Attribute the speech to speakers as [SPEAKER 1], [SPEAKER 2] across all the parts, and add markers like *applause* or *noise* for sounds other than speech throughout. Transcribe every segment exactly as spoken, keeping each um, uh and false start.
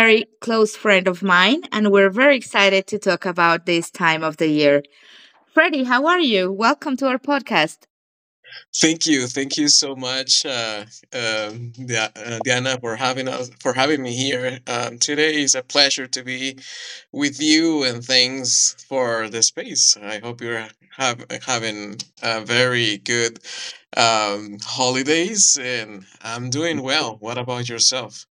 [SPEAKER 1] very close friend of mine, and we're very excited to talk about this time of the year. Freddie, how are you? Welcome to our podcast.
[SPEAKER 2] Thank you, thank you so much, uh, um, Dia- uh, Diana, for having us for having me here um, today. Is a pleasure to be with you, and thanks for the space. I hope you're have, having a very good um, holidays, and I'm doing well. What about yourself?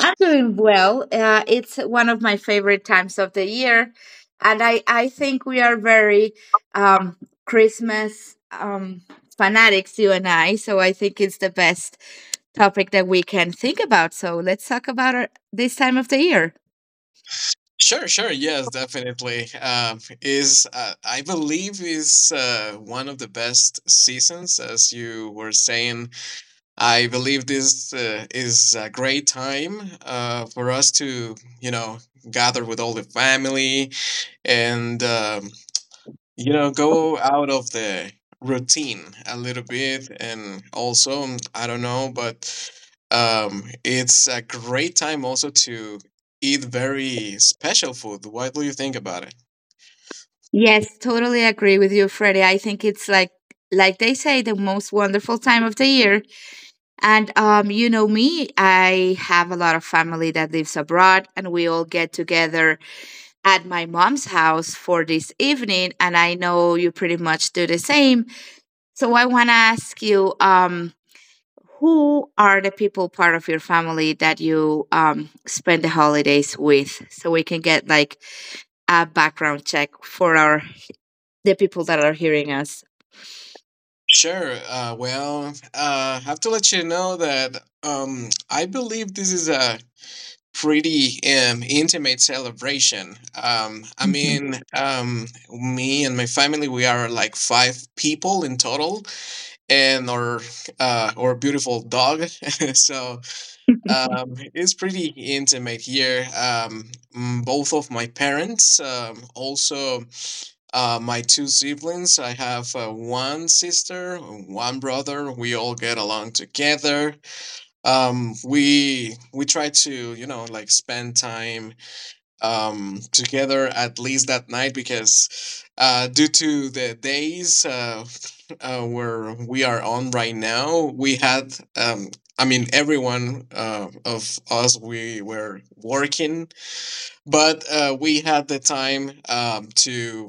[SPEAKER 1] I'm doing well. Uh, it's one of my favorite times of the year, and I I think we are very um, Christmas um, fanatics, you and I. So I think it's the best topic that we can think about. So let's talk about our, this time of the year.
[SPEAKER 2] Sure, sure. Yes, definitely. Um, is uh, I believe is uh, one of the best seasons, as you were saying. I believe this uh, is a great time uh, for us to, you know, gather with all the family and um, you know go out of the routine a little bit and also um, I don't know but um it's a great time also to eat very special food. What do you think about it?
[SPEAKER 1] Yes, totally agree with you, Freddie. I think it's, like like they say, the most wonderful time of the year. And um, you know me, I have a lot of family that lives abroad, and we all get together at my mom's house for this evening, and I know you pretty much do the same. So I want to ask you, um, who are the people part of your family that you um, spend the holidays with, so we can get like a background check for our the people that are hearing us.
[SPEAKER 2] Sure. Uh, well, uh, have to let you know that um, I believe this is a pretty um, intimate celebration. Um, I
[SPEAKER 1] Mhm.
[SPEAKER 2] mean, um, me and my family, we are like five people in total, and our uh, our beautiful dog. *laughs* So um, it's pretty intimate here. Um, mm, both of my parents, um, also uh, my two siblings, I have uh, one sister, one brother. We all get along together. Um, we we try to, you know, like spend time um, together at least that night because uh, due to the days uh, uh, where we are on right now, we had. Um, I mean, everyone uh, of us, we were working but uh, we had the time um, to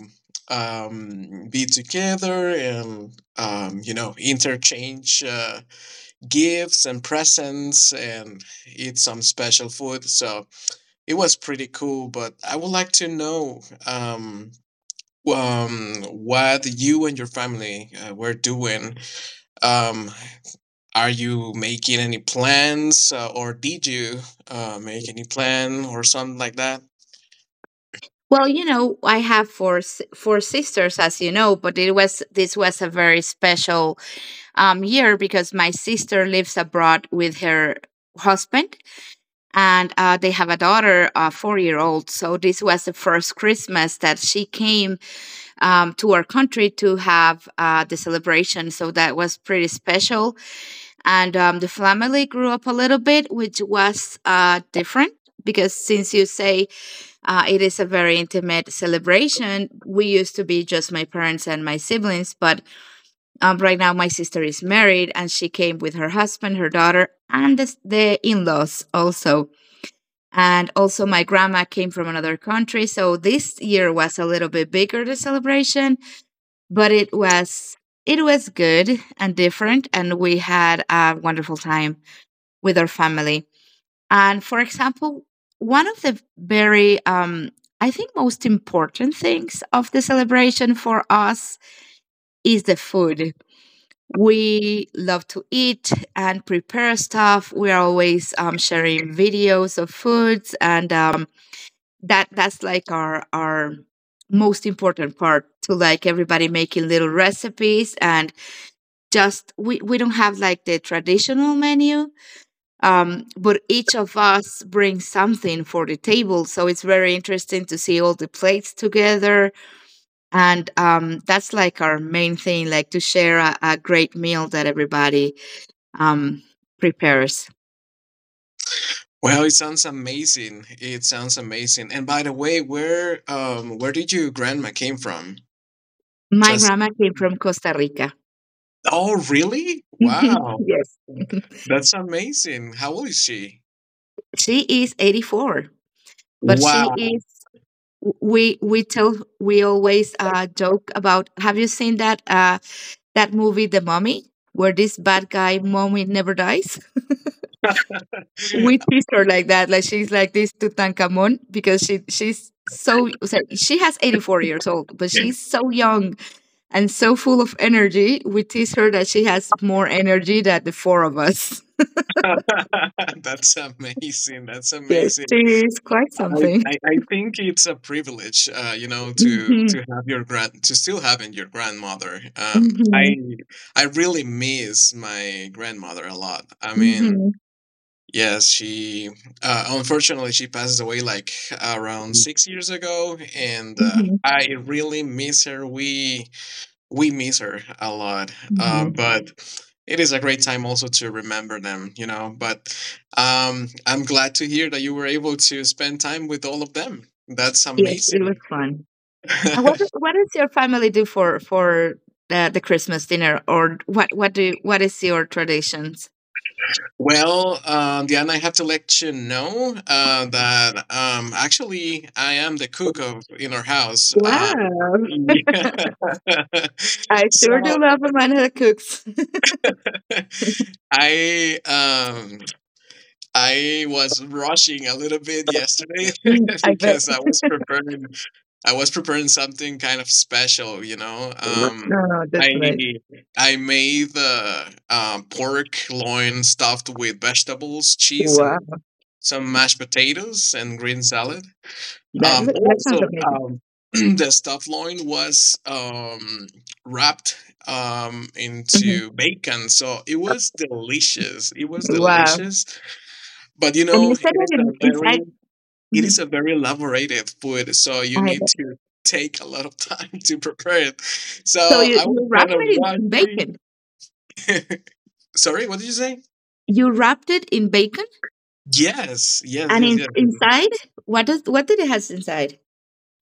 [SPEAKER 2] um, be together and um, you know interchange uh, gifts and presents and eat some special food. So it was pretty cool. But I would like to know um, um, what you and your family uh, were doing. Um, are you making any plans, uh, or did you uh, make any plan or something like that?
[SPEAKER 1] Well, you know, I have four s- four sisters, as you know, but it was this was a very special um, year because my sister lives abroad with her husband, and uh, they have a daughter, a four year old. So this was the first Christmas that she came um, to our country to have uh, the celebration. So that was pretty special, and um, the family grew up a little bit, which was uh, different, because, since you say, uh, it is a very intimate celebration. We used to be just my parents and my siblings, but um, right now my sister is married and she came with her husband, her daughter, and the, the in laws also. And also, my grandma came from another country. So this year was a little bit bigger, the celebration, but it was. It was good and different, and we had a wonderful time with our family. And, for example, one of the very, um, I think, most important things of the celebration for us is the food. We love to eat and prepare stuff. We are always um, sharing videos of foods, and um, that that's like our our most important part, to like everybody making little recipes. And just we, we don't have like the traditional menu, um, but each of us brings something for the table, so it's very interesting to see all the plates together. And um, that's like our main thing, like to share a, a great meal that everybody um, prepares.
[SPEAKER 2] Well, it sounds amazing. It sounds amazing. And by the way, where um where did your grandma came from?
[SPEAKER 1] My
[SPEAKER 2] Just
[SPEAKER 1] grandma came from Costa Rica.
[SPEAKER 2] Oh, really?
[SPEAKER 1] *laughs*
[SPEAKER 2] Wow.
[SPEAKER 1] Yes. *laughs*
[SPEAKER 2] That's amazing. How old is she?
[SPEAKER 1] She is eighty-four, but she
[SPEAKER 2] Wow.
[SPEAKER 1] is we we tell we always uh, joke about, have you seen that uh, that movie, The Mummy, where this bad guy mummy never dies? We
[SPEAKER 2] *laughs*
[SPEAKER 1] treat her like that. Like she's like this Tutankhamun because she she's so, so she has eighty-four years old, but she's so young and so full of energy. We tease her that she has more energy than the four of us.
[SPEAKER 2] That's amazing. That's
[SPEAKER 1] Yes, she
[SPEAKER 2] amazing.
[SPEAKER 1] is quite
[SPEAKER 2] I,
[SPEAKER 1] something.
[SPEAKER 2] I, I think it's a privilege, uh, you know, to
[SPEAKER 1] Hmm.
[SPEAKER 2] to have your grand to still having your grandmother. Um, I
[SPEAKER 1] Hmm.
[SPEAKER 2] I really miss my grandmother a lot. I mean,
[SPEAKER 1] Hmm.
[SPEAKER 2] yes, she uh, unfortunately she passes away like around six years ago, and uh,
[SPEAKER 1] Hmm.
[SPEAKER 2] I really miss her. We we miss her a lot, uh,
[SPEAKER 1] Hmm.
[SPEAKER 2] but it is a great time also to remember them, you know. But um, I'm glad to hear that you were able to spend time with all of them. That's
[SPEAKER 1] Yes, it was
[SPEAKER 2] amazing.
[SPEAKER 1] fun. And
[SPEAKER 2] *laughs*
[SPEAKER 1] what what does your family do for for the, the Christmas dinner, or what what do what is your traditions?
[SPEAKER 2] Well, um, Diana, I have to let you know uh, that um, actually I am the cook of in our house. Um,
[SPEAKER 1] Wow.
[SPEAKER 2] *laughs* *laughs*
[SPEAKER 1] I
[SPEAKER 2] so
[SPEAKER 1] sure do love a man who cooks. *laughs*
[SPEAKER 2] *laughs* I um I was rushing a little bit yesterday
[SPEAKER 1] Mm,
[SPEAKER 2] *laughs*
[SPEAKER 1] I bet.
[SPEAKER 2] because I was preparing I was preparing something kind of special, you know.
[SPEAKER 1] No,
[SPEAKER 2] Um
[SPEAKER 1] no, that's
[SPEAKER 2] I
[SPEAKER 1] nice.
[SPEAKER 2] I made the um, pork loin stuffed with vegetables, cheese, and
[SPEAKER 1] Wow.
[SPEAKER 2] some mashed potatoes and green salad.
[SPEAKER 1] That
[SPEAKER 2] Um,
[SPEAKER 1] look, that sounds
[SPEAKER 2] also,
[SPEAKER 1] amazing.
[SPEAKER 2] um, *clears throat* the stuffed loin was um, wrapped um,
[SPEAKER 1] Hmm.
[SPEAKER 2] into bacon, so it was delicious. It was
[SPEAKER 1] Wow.
[SPEAKER 2] delicious, but you
[SPEAKER 1] And
[SPEAKER 2] know,
[SPEAKER 1] you said
[SPEAKER 2] it is
[SPEAKER 1] it
[SPEAKER 2] a
[SPEAKER 1] in,
[SPEAKER 2] very
[SPEAKER 1] inside.
[SPEAKER 2] it is
[SPEAKER 1] Mhm.
[SPEAKER 2] a very elaborated food, so you
[SPEAKER 1] I
[SPEAKER 2] need
[SPEAKER 1] bet.
[SPEAKER 2] to take a lot of time *laughs* to prepare it. So
[SPEAKER 1] So you,
[SPEAKER 2] I was
[SPEAKER 1] you wrapped
[SPEAKER 2] kind of
[SPEAKER 1] it in, in
[SPEAKER 2] rushy.
[SPEAKER 1] bacon.
[SPEAKER 2] *laughs* Sorry, what did you say?
[SPEAKER 1] You wrapped it in bacon,
[SPEAKER 2] Yes, yes,
[SPEAKER 1] and
[SPEAKER 2] yes,
[SPEAKER 1] in,
[SPEAKER 2] yes. Yes.
[SPEAKER 1] inside, what does what did it has inside?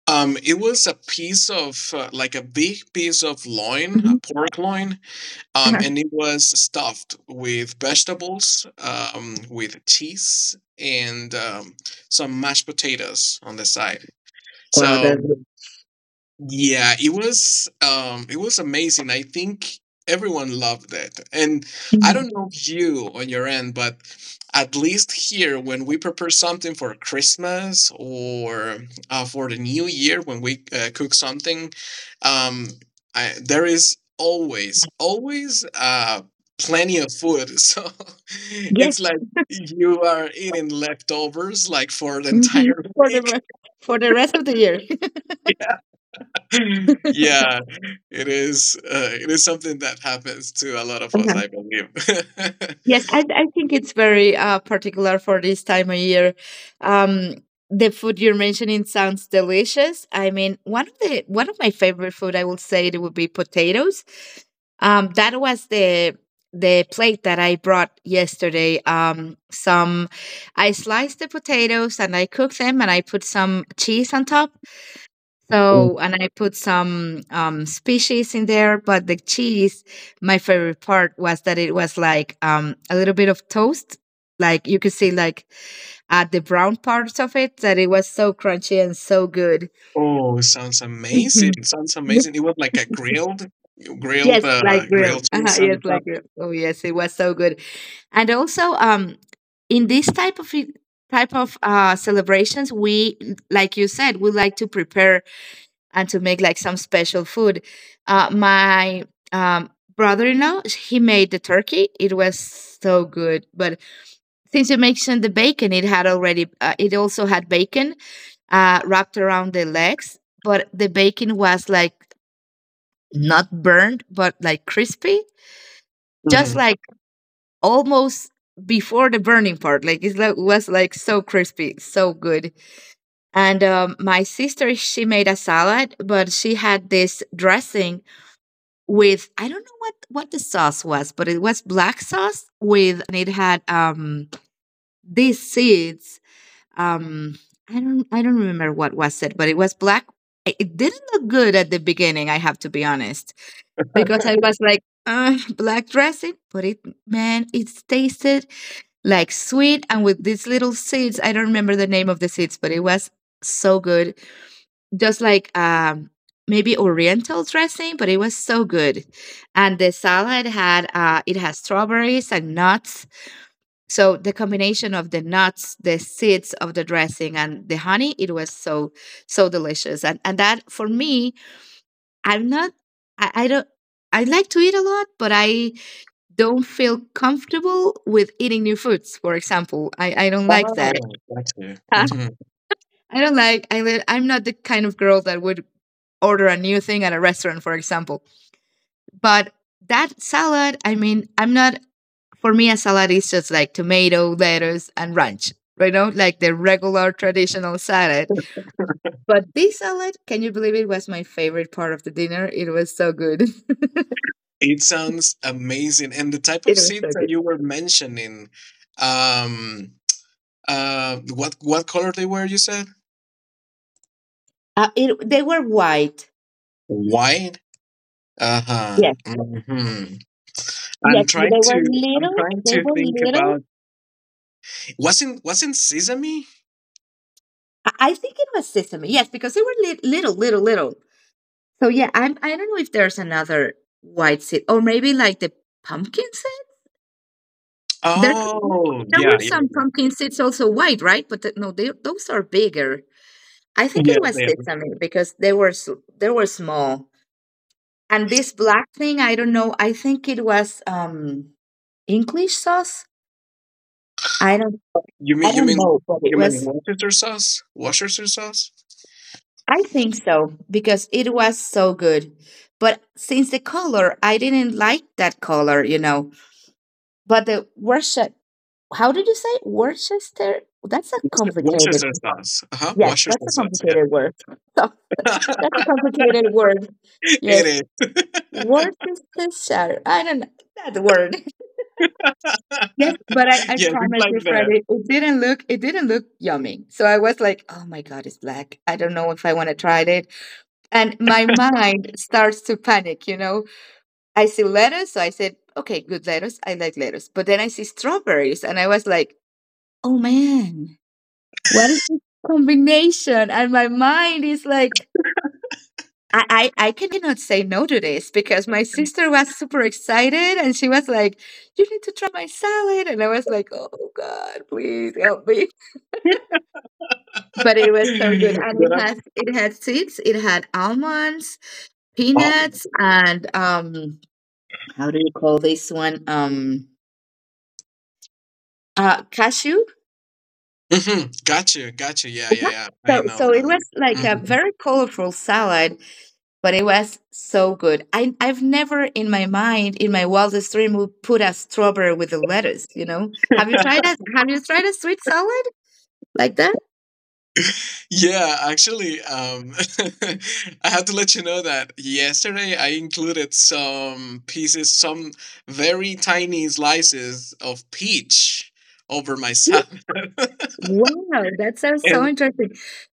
[SPEAKER 2] Um, it was a piece of uh, like a big piece of loin, a
[SPEAKER 1] Mhm.
[SPEAKER 2] pork loin, Um,
[SPEAKER 1] Uh-huh.
[SPEAKER 2] and it was stuffed with vegetables, um, with cheese, and um, some mashed potatoes on the side.
[SPEAKER 1] Wow,
[SPEAKER 2] So
[SPEAKER 1] that's good.
[SPEAKER 2] yeah, it was um it was amazing. I think everyone loved it. And I
[SPEAKER 1] Mhm.
[SPEAKER 2] don't know if you on your end, but at least here when we prepare something for Christmas or uh, for the new year when we uh, cook something, um I, there is always always uh plenty of food. *laughs* So
[SPEAKER 1] Yes.
[SPEAKER 2] it's like you are eating leftovers like for the
[SPEAKER 1] Hmm.
[SPEAKER 2] entire *laughs*
[SPEAKER 1] For the
[SPEAKER 2] week.
[SPEAKER 1] re- for the rest of the year.
[SPEAKER 2] *laughs* Yeah, it is. Uh, it is something that happens to a lot of us, I
[SPEAKER 1] *laughs*
[SPEAKER 2] believe. *laughs*
[SPEAKER 1] Yes, I, I think it's very uh, particular for this time of year. Um, the food you're mentioning sounds delicious. I mean, one of the one of my favorite food, I will say, it would be potatoes. Um, that was the the plate that I brought yesterday. Um, some I sliced the potatoes and I cooked them, and I put some cheese on top.
[SPEAKER 2] Oh,
[SPEAKER 1] So, and I put some um, species in there, but the cheese, my favorite part was that it was like um, a little bit of toast. Like you could see, like at the brown parts of it, that it was so crunchy and so good.
[SPEAKER 2] oh, sounds amazing!
[SPEAKER 1] Mhm.
[SPEAKER 2] Sounds amazing. It
[SPEAKER 1] *laughs*
[SPEAKER 2] was like a grilled, grilled,
[SPEAKER 1] Yes, like
[SPEAKER 2] uh,
[SPEAKER 1] grilled.
[SPEAKER 2] grilled
[SPEAKER 1] Uh-huh,
[SPEAKER 2] cheese on
[SPEAKER 1] yes,
[SPEAKER 2] the top.
[SPEAKER 1] like grilled. Oh, yes, it was so good. And also, um, in this type of e- type of uh, celebrations, we, like you said, we like to prepare and to make like some special food. Uh, my um, brother-in-law, he made the turkey. It was so good. But since you mentioned the bacon, it had already, uh, it also had bacon uh, wrapped around the legs. But the bacon was like not burned, but like crispy, just
[SPEAKER 2] Hmm.
[SPEAKER 1] like almost before the burning part. Like it like, was like so crispy, so good. And um, my sister, she made a salad, but she had this dressing with, I don't know what what the sauce was, but it was black sauce, with and it had um these seeds. Um I don't I don't remember what was it, but it was black. It it didn't look good at the beginning, I have to be honest, because I was like, uh, black dressing, but it man, it tasted like sweet and with these little seeds. I don't remember the name of the seeds, but it was so good, just like um maybe oriental dressing, but it was so good. And the salad had uh it has strawberries and nuts, so the combination of the nuts, the seeds of the dressing, and the honey, it was so, so delicious. and and that, for me, I'm not I, I don't I like to eat a lot, but I don't feel comfortable with eating new foods. For example, I, I don't like that.
[SPEAKER 2] Oh, gotcha.
[SPEAKER 1] *laughs*
[SPEAKER 2] Hmm.
[SPEAKER 1] I don't like. I li- I'm not the kind of girl that would order a new thing at a restaurant, for example. But that salad, I mean, I'm not. For me, a salad is just like tomato, lettuce, and ranch. Right? Know, like the regular, traditional salad. But this salad, can you believe it was my favorite part of the dinner? It was so good. *laughs*
[SPEAKER 2] It sounds amazing. And the type of
[SPEAKER 1] It was
[SPEAKER 2] seeds
[SPEAKER 1] so
[SPEAKER 2] that
[SPEAKER 1] good.
[SPEAKER 2] you were mentioning, um, uh, what what color they were? You said
[SPEAKER 1] Uh, it, they were white.
[SPEAKER 2] white. Uh huh.
[SPEAKER 1] Yes,
[SPEAKER 2] Hmm. I'm
[SPEAKER 1] yes, but
[SPEAKER 2] trying
[SPEAKER 1] they
[SPEAKER 2] to
[SPEAKER 1] were
[SPEAKER 2] I'm
[SPEAKER 1] little.
[SPEAKER 2] trying
[SPEAKER 1] They
[SPEAKER 2] to
[SPEAKER 1] were
[SPEAKER 2] think
[SPEAKER 1] little.
[SPEAKER 2] about. Wasn't wasn't sesame?
[SPEAKER 1] I I think it was sesame. Yes, because they were li- little, little, little. So yeah, I'm, I don't know if there's another white seed, or maybe like the pumpkin seed. There,
[SPEAKER 2] Oh
[SPEAKER 1] there were
[SPEAKER 2] yeah, yeah,
[SPEAKER 1] some pumpkin seeds also white, right? But th- no, they, those are bigger. I think
[SPEAKER 2] yeah.
[SPEAKER 1] it was
[SPEAKER 2] Yeah. Yeah.
[SPEAKER 1] sesame because they were s- they were small. And this black thing, I don't know. I think it was um English sauce. I don't
[SPEAKER 2] You
[SPEAKER 1] I
[SPEAKER 2] mean you
[SPEAKER 1] don't
[SPEAKER 2] mean
[SPEAKER 1] know, but it
[SPEAKER 2] you mean
[SPEAKER 1] was,
[SPEAKER 2] Worcester sauce? Worcester sauce?
[SPEAKER 1] I think so, because it was so good. But since the color, I didn't like that color, you know. But the worship. How did you say Worcester? That's a complicated.
[SPEAKER 2] Worcester sauce. Uh huh.
[SPEAKER 1] Yes,
[SPEAKER 2] Worcester
[SPEAKER 1] that's a
[SPEAKER 2] sauce.
[SPEAKER 1] complicated word.
[SPEAKER 2] Yeah.
[SPEAKER 1] *laughs* So, that's a
[SPEAKER 2] *laughs*
[SPEAKER 1] complicated word. Yes,
[SPEAKER 2] It is.
[SPEAKER 1] Worcestershire. I don't know that word. *laughs* Yes, but I,
[SPEAKER 2] *laughs*
[SPEAKER 1] I
[SPEAKER 2] Yes, it's
[SPEAKER 1] promise
[SPEAKER 2] like
[SPEAKER 1] you,
[SPEAKER 2] that.
[SPEAKER 1] Freddie, it didn't look it didn't look yummy. So I was like, oh my god, it's black. I don't know if I want to try it. And my mind starts to panic. You know, I see lettuce, so I said, okay, good lettuce. I like lettuce. But then I see strawberries, and I was like, oh man, what is this combination? And my mind is like, I, I, I cannot say no to this because my sister was super excited and she was like, you need to try my salad. And I was like, oh God, please help me. *laughs* But it was so good.
[SPEAKER 2] *laughs*
[SPEAKER 1] And it
[SPEAKER 2] But I,
[SPEAKER 1] has it had seeds, it had almonds,
[SPEAKER 2] oh.
[SPEAKER 1] peanuts, and um how do you call this one? Um uh cashew.
[SPEAKER 2] Mm-hmm. Gotcha. Gotcha. Yeah.
[SPEAKER 1] Yeah.
[SPEAKER 2] Yeah. Yeah.
[SPEAKER 1] So
[SPEAKER 2] I know
[SPEAKER 1] so it
[SPEAKER 2] them.
[SPEAKER 1] was like a
[SPEAKER 2] Hmm.
[SPEAKER 1] very colorful salad, but it was so good. I, I've never, in my mind, in my wildest dream, would put a strawberry with the lettuce. You know, have you tried a have you tried a sweet salad like that?
[SPEAKER 2] Yeah, actually, um, *laughs* I have to let you know that yesterday I included some pieces, some very tiny slices of peach over my salad. *laughs*
[SPEAKER 1] Wow, that sounds so
[SPEAKER 2] and
[SPEAKER 1] interesting.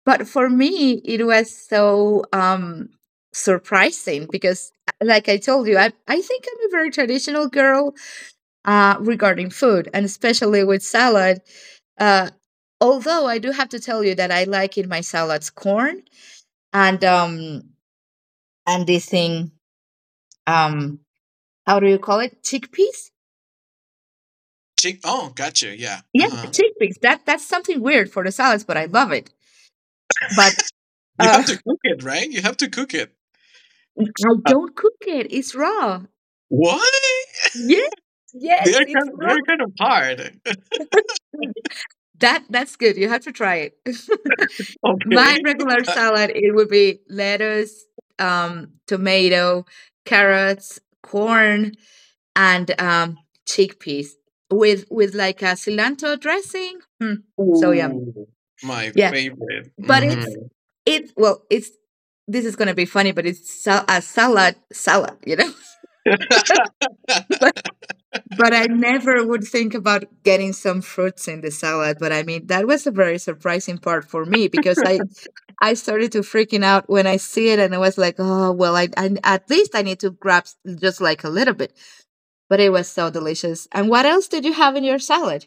[SPEAKER 1] But for me, it was so um surprising because, like I told you, I I think I'm a very traditional girl uh regarding food, and especially with salad. Uh although I do have to tell you that I like in my salads corn and um and this thing, um how do you call it? Chickpeas?
[SPEAKER 2] chick, oh, gotcha. Yeah. Uh
[SPEAKER 1] Yeah,
[SPEAKER 2] huh.
[SPEAKER 1] chickpeas. That that's something weird for the salads, but I love it. But
[SPEAKER 2] You
[SPEAKER 1] uh
[SPEAKER 2] have to
[SPEAKER 1] *laughs*
[SPEAKER 2] cook it, right? You have to cook it.
[SPEAKER 1] I
[SPEAKER 2] Uh,
[SPEAKER 1] don't cook it. It's raw.
[SPEAKER 2] what?
[SPEAKER 1] Yes, yes,
[SPEAKER 2] They're
[SPEAKER 1] it's
[SPEAKER 2] kind of, they're
[SPEAKER 1] wrong.
[SPEAKER 2] kind of hard.
[SPEAKER 1] *laughs* That that's good. You have to try it. *laughs*
[SPEAKER 2] *laughs*
[SPEAKER 1] My
[SPEAKER 2] Okay.
[SPEAKER 1] regular
[SPEAKER 2] *laughs*
[SPEAKER 1] salad, it would be lettuce, um, tomato, carrots, corn, and um, chickpeas with with like a cilantro dressing. Mm, so yummy.
[SPEAKER 2] Ooh, my
[SPEAKER 1] Yeah,
[SPEAKER 2] favorite.
[SPEAKER 1] but
[SPEAKER 2] Hmm.
[SPEAKER 1] it's it. Well, it's this is gonna be funny, but it's sal- a salad salad, you know.
[SPEAKER 2] *laughs*
[SPEAKER 1] *laughs* But I never would think about getting some fruits in the salad. But I mean, that was a very surprising part for me because I I started to freaking out when I see it, and I was like, oh well, I, I at least I need to grab s- just like a little bit. But it was so delicious. And what else did you have in your salad?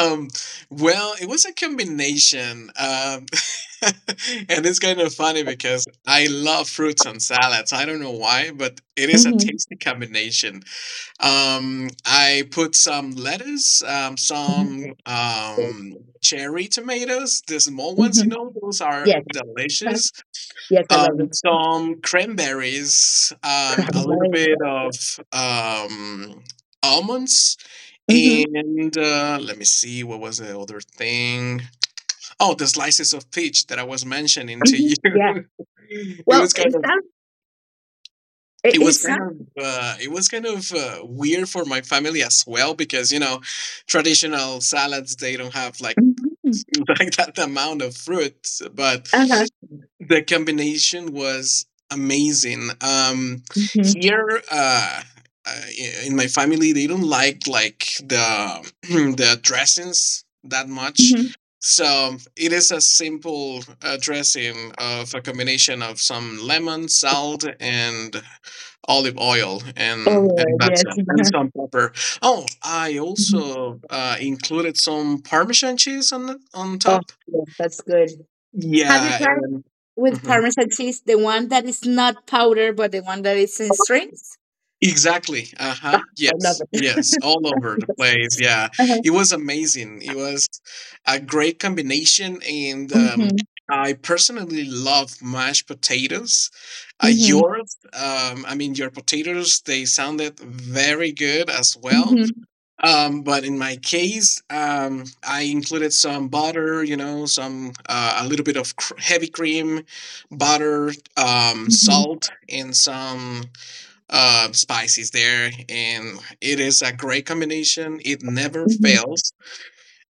[SPEAKER 2] Um, well, it was a combination, um, *laughs* and it's kind of funny because I love fruits and salads. I don't know why, but it is a
[SPEAKER 1] Mm-hmm.
[SPEAKER 2] tasty combination. Um, I put some lettuce, um, some um, cherry tomatoes, the small ones, you
[SPEAKER 1] Mm-hmm.
[SPEAKER 2] know, those are
[SPEAKER 1] Yes, crab.
[SPEAKER 2] delicious.
[SPEAKER 1] Yes, I love
[SPEAKER 2] Um,
[SPEAKER 1] the
[SPEAKER 2] some cranberries, um,
[SPEAKER 1] crab.
[SPEAKER 2] a little bit of um, almonds
[SPEAKER 1] Mm-hmm.
[SPEAKER 2] and uh, let me see, what was the other thing? Oh, the slices of peach that I was mentioning to
[SPEAKER 1] Hmm.
[SPEAKER 2] you.
[SPEAKER 1] Yeah.
[SPEAKER 2] *laughs* it
[SPEAKER 1] Well,
[SPEAKER 2] was kind
[SPEAKER 1] it
[SPEAKER 2] of,
[SPEAKER 1] sounds. It,
[SPEAKER 2] it
[SPEAKER 1] it
[SPEAKER 2] was kind
[SPEAKER 1] sounds.
[SPEAKER 2] of, uh, it was kind of uh, weird for my family as well because you know, traditional salads they don't have like
[SPEAKER 1] Mm-hmm.
[SPEAKER 2] *laughs* like that amount of fruit, but
[SPEAKER 1] Uh huh.
[SPEAKER 2] the combination was amazing. Um,
[SPEAKER 1] Mm-hmm.
[SPEAKER 2] here, uh, uh, in my family, they don't like like the *clears throat* the dressings that much.
[SPEAKER 1] Mm-hmm.
[SPEAKER 2] So it is a simple uh, dressing of a combination of some lemon, salt, and olive oil, and and
[SPEAKER 1] Oh
[SPEAKER 2] that's
[SPEAKER 1] yes.
[SPEAKER 2] it, and some pepper. Oh, I
[SPEAKER 1] *laughs*
[SPEAKER 2] also uh, included some Parmesan cheese on the- on
[SPEAKER 1] Oh,
[SPEAKER 2] top.
[SPEAKER 1] yes, that's good. Have you
[SPEAKER 2] Yeah,
[SPEAKER 1] tried
[SPEAKER 2] and
[SPEAKER 1] with
[SPEAKER 2] mhm.
[SPEAKER 1] Parmesan cheese, the one that is not powder, but the one that is in strings?
[SPEAKER 2] Exactly. Uh-huh.
[SPEAKER 1] I love
[SPEAKER 2] Yes.
[SPEAKER 1] it.
[SPEAKER 2] Yes.
[SPEAKER 1] *laughs*
[SPEAKER 2] All over the place. Yeah.
[SPEAKER 1] Uh-huh.
[SPEAKER 2] It was amazing. It was a great combination. And um,
[SPEAKER 1] Mhm,
[SPEAKER 2] I personally love mashed potatoes. Uh,
[SPEAKER 1] mhm,
[SPEAKER 2] yours, um, I mean, your potatoes, they sounded very good as well.
[SPEAKER 1] mhm,
[SPEAKER 2] Um, but in my case, um, I included some butter, you know, some, uh, a little bit of cr- heavy cream, butter, um,
[SPEAKER 1] mhm,
[SPEAKER 2] salt, and some uh, spices there, and it is a great combination. It never
[SPEAKER 1] mhm,
[SPEAKER 2] fails.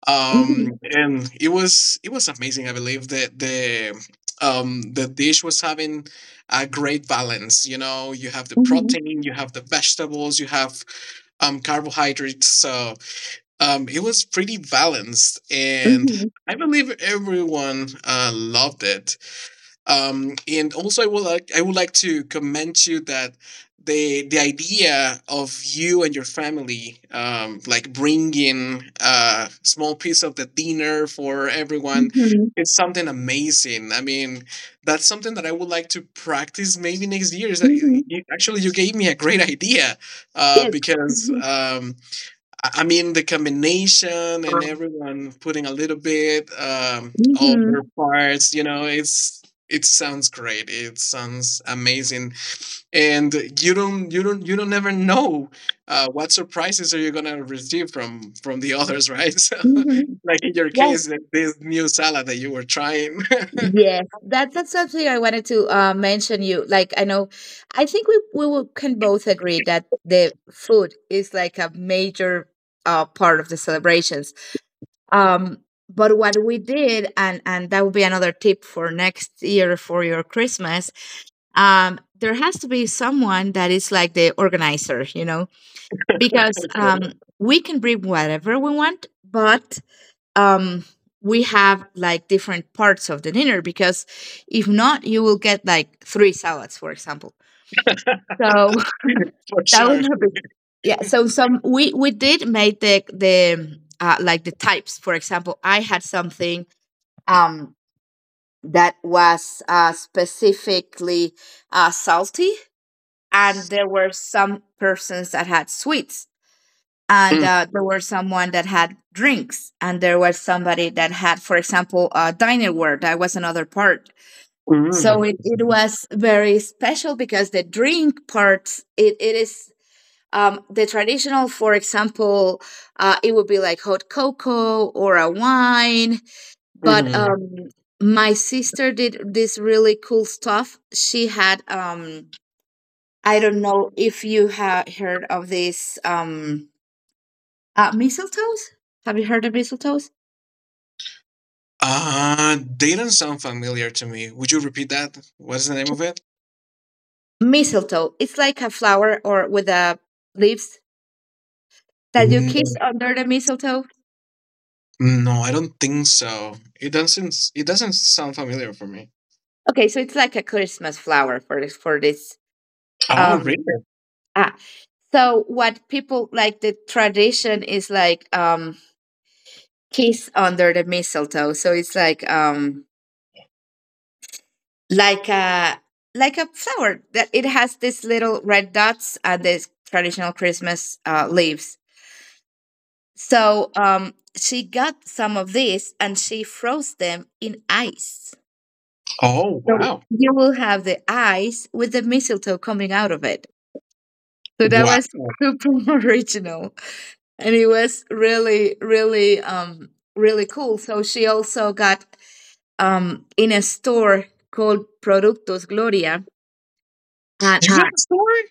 [SPEAKER 2] Um,
[SPEAKER 1] mhm,
[SPEAKER 2] and it was it was amazing. I believe that the um, the dish was having a great balance. You know, you have the
[SPEAKER 1] mhm,
[SPEAKER 2] protein, you have the vegetables, you have um, carbohydrates. So um, it was pretty balanced, and
[SPEAKER 1] mhm,
[SPEAKER 2] I believe everyone uh, loved it. Um, and also, I would like I would like to commend to you that the the idea of you and your family, um, like bringing a small piece of the dinner for everyone,
[SPEAKER 1] mhm,
[SPEAKER 2] it's something amazing. I mean, that's something that I would like to practice maybe next year. Is that
[SPEAKER 1] mhm.
[SPEAKER 2] you, actually you gave me a great idea, uh,
[SPEAKER 1] Yes.
[SPEAKER 2] because
[SPEAKER 1] Mhm.
[SPEAKER 2] um, I I mean, the combination and everyone putting a little bit um, of their
[SPEAKER 1] Mhm,
[SPEAKER 2] parts, you know, it's it sounds great. It sounds amazing, and you don't you don't you don't never know uh, what surprises are you gonna receive from from the others, right? *laughs* So,
[SPEAKER 1] mhm.
[SPEAKER 2] like in your case, like this new salad that you were trying.
[SPEAKER 1] Yes, that that's something I wanted to uh, mention you. Like I know, I think we we will, can both agree that the food is like a major uh, part of the celebrations.
[SPEAKER 2] *laughs*
[SPEAKER 1] Um, but what we did, and and that would be another tip for next year for your Christmas. Um, there has to be someone that is like the organizer, you know, because um, we can bring whatever we want, but um we have like different parts of the dinner, because if not you will get like three salads, for example.
[SPEAKER 2] *laughs*
[SPEAKER 1] So
[SPEAKER 2] For
[SPEAKER 1] *laughs* that would
[SPEAKER 2] sure.
[SPEAKER 1] not be. Yeah. So some we we did make the the uh, like the types. For example, I had something um that was uh, specifically uh, salty, and there were some persons that had sweets, and
[SPEAKER 2] Mm,
[SPEAKER 1] uh, there was someone that had drinks, and there was somebody that had, for example, uh, dinerware. That was another part. So
[SPEAKER 2] mm,
[SPEAKER 1] it, it was very special, because the drink parts, it, it is um, the traditional. For example, uh, it would be like hot cocoa or a wine, but
[SPEAKER 2] mhm.
[SPEAKER 1] um, my sister did this really cool stuff. She had um, I don't know if you have heard of this um, uh, mistletoes? Have you heard of mistletoes?
[SPEAKER 2] Uh, they don't sound familiar to me. Would you repeat that? What's the name of it?
[SPEAKER 1] Mistletoe. It's like a flower or with a leaves that you kiss
[SPEAKER 2] Mm,
[SPEAKER 1] under the mistletoe.
[SPEAKER 2] no, I don't think so. It doesn't. It doesn't sound familiar for me.
[SPEAKER 1] Okay, so it's like a Christmas flower for this for this.
[SPEAKER 2] Oh,
[SPEAKER 1] Um
[SPEAKER 2] really?
[SPEAKER 1] ah. So what people, like the tradition is like um kiss under the mistletoe. So it's like um like a like a flower that it has these little red dots and these traditional Christmas uh, leaves. So um, she got some of this and she froze them in ice.
[SPEAKER 2] Oh,
[SPEAKER 1] So
[SPEAKER 2] wow.
[SPEAKER 1] you will have the ice with the mistletoe coming out of it. So that
[SPEAKER 2] Wow.
[SPEAKER 1] was
[SPEAKER 2] You
[SPEAKER 1] super *laughs* original. And it was really, really, um, really cool. So she also got um, in a store called Productos Gloria. And
[SPEAKER 2] got
[SPEAKER 1] uh,
[SPEAKER 2] the story?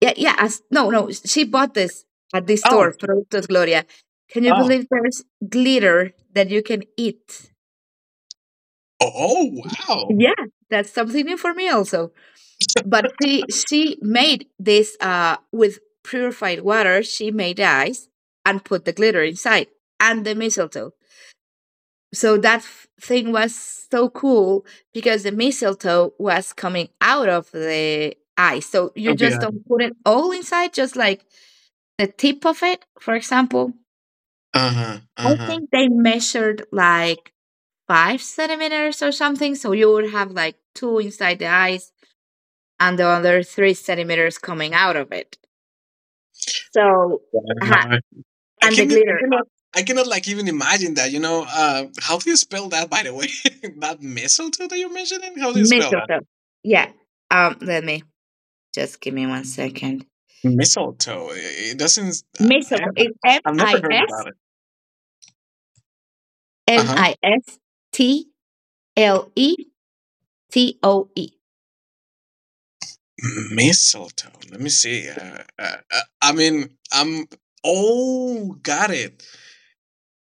[SPEAKER 1] yeah, yeah, as, no, no, she bought this at this
[SPEAKER 2] Oh,
[SPEAKER 1] store,
[SPEAKER 2] gee.
[SPEAKER 1] Productos Gloria. Can you
[SPEAKER 2] Oh,
[SPEAKER 1] believe there's glitter that you can eat?
[SPEAKER 2] oh, wow.
[SPEAKER 1] Yeah, that's something new for me also. But she she made this uh with purified water. She made ice and put the glitter inside and the mistletoe. So that f- thing was so cool, because the mistletoe was coming out of the ice. So
[SPEAKER 2] Oh,
[SPEAKER 1] you just
[SPEAKER 2] yeah.
[SPEAKER 1] don't put it all inside, just like the tip of it, for example.
[SPEAKER 2] Uh huh.
[SPEAKER 1] I
[SPEAKER 2] Uh
[SPEAKER 1] think they measured like five centimeters or something. So you would have like two inside the ice and the other three centimeters coming out of it. So, uh
[SPEAKER 2] huh. I
[SPEAKER 1] and the
[SPEAKER 2] can I
[SPEAKER 1] glitter,
[SPEAKER 2] cannot I cannot like even imagine that. You know, uh, how do you spell that? By the way, *laughs* that mistletoe that you're mentioning, how do you spell that?
[SPEAKER 1] mistletoe. Yeah. Um, let me just give me one second.
[SPEAKER 2] Mistletoe. It doesn't. I
[SPEAKER 1] Mistletoe. It's M
[SPEAKER 2] I've never
[SPEAKER 1] I
[SPEAKER 2] heard
[SPEAKER 1] S
[SPEAKER 2] about it. Uh
[SPEAKER 1] M
[SPEAKER 2] huh.
[SPEAKER 1] I S T L E T O E.
[SPEAKER 2] Mistletoe. Let me see. Uh, uh, uh, I mean, I'm. Oh, got it.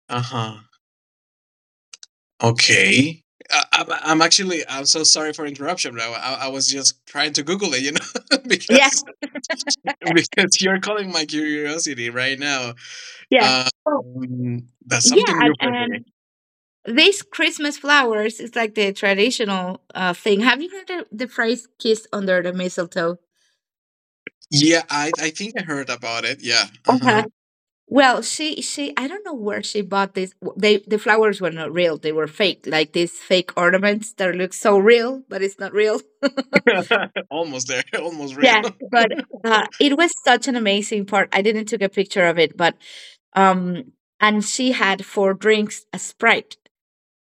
[SPEAKER 2] Uh huh. Okay. I, I'm, I'm actually. I'm so sorry for interruption, bro. I, I was just trying to Google it, you know, *laughs*
[SPEAKER 1] Yeah.
[SPEAKER 2] because because you're calling my curiosity right now.
[SPEAKER 1] Yeah. Oh,
[SPEAKER 2] Um, that's something
[SPEAKER 1] yeah,
[SPEAKER 2] new for me.
[SPEAKER 1] and, and these Christmas flowers is like the traditional uh, thing. Have you heard the the phrase "kiss under the mistletoe"?
[SPEAKER 2] Yeah, I I think I heard about it. Yeah.
[SPEAKER 1] Uh-huh.
[SPEAKER 2] Uh-huh.
[SPEAKER 1] Well, she she I don't know where she bought this. w- They, the flowers were not real; they were fake, like these fake ornaments that look so real, but it's not real. *laughs*
[SPEAKER 2] *laughs* Almost there. *laughs* Almost real.
[SPEAKER 1] Yeah,
[SPEAKER 2] *laughs*
[SPEAKER 1] but uh, it was such an amazing part. I didn't took a picture of it, but um, and she had for drinks a Sprite.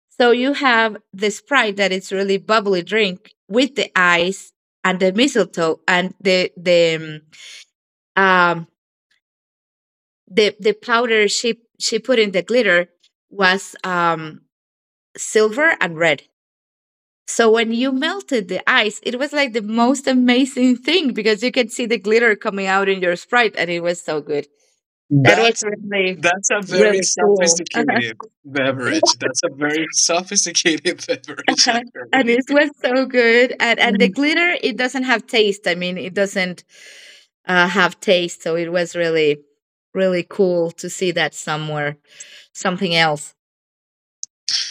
[SPEAKER 1] So you have the Sprite that it's really bubbly drink with the ice and the mistletoe, and the the um um, the the powder she she put in. The glitter was um silver and red. So when you melted the ice, it was like the most amazing thing, because you could see the glitter coming out in your Sprite, and it was so good. That was
[SPEAKER 2] That's
[SPEAKER 1] really,
[SPEAKER 2] that's a very
[SPEAKER 1] really cool.
[SPEAKER 2] sophisticated beverage.
[SPEAKER 1] *laughs*
[SPEAKER 2] That's a very sophisticated *laughs* beverage
[SPEAKER 1] *laughs* Uh, and
[SPEAKER 2] actually.
[SPEAKER 1] it was so good, and and the glitter, it doesn't have taste. I mean, it doesn't uh, have taste. So it was really, really cool to see that somewhere something else.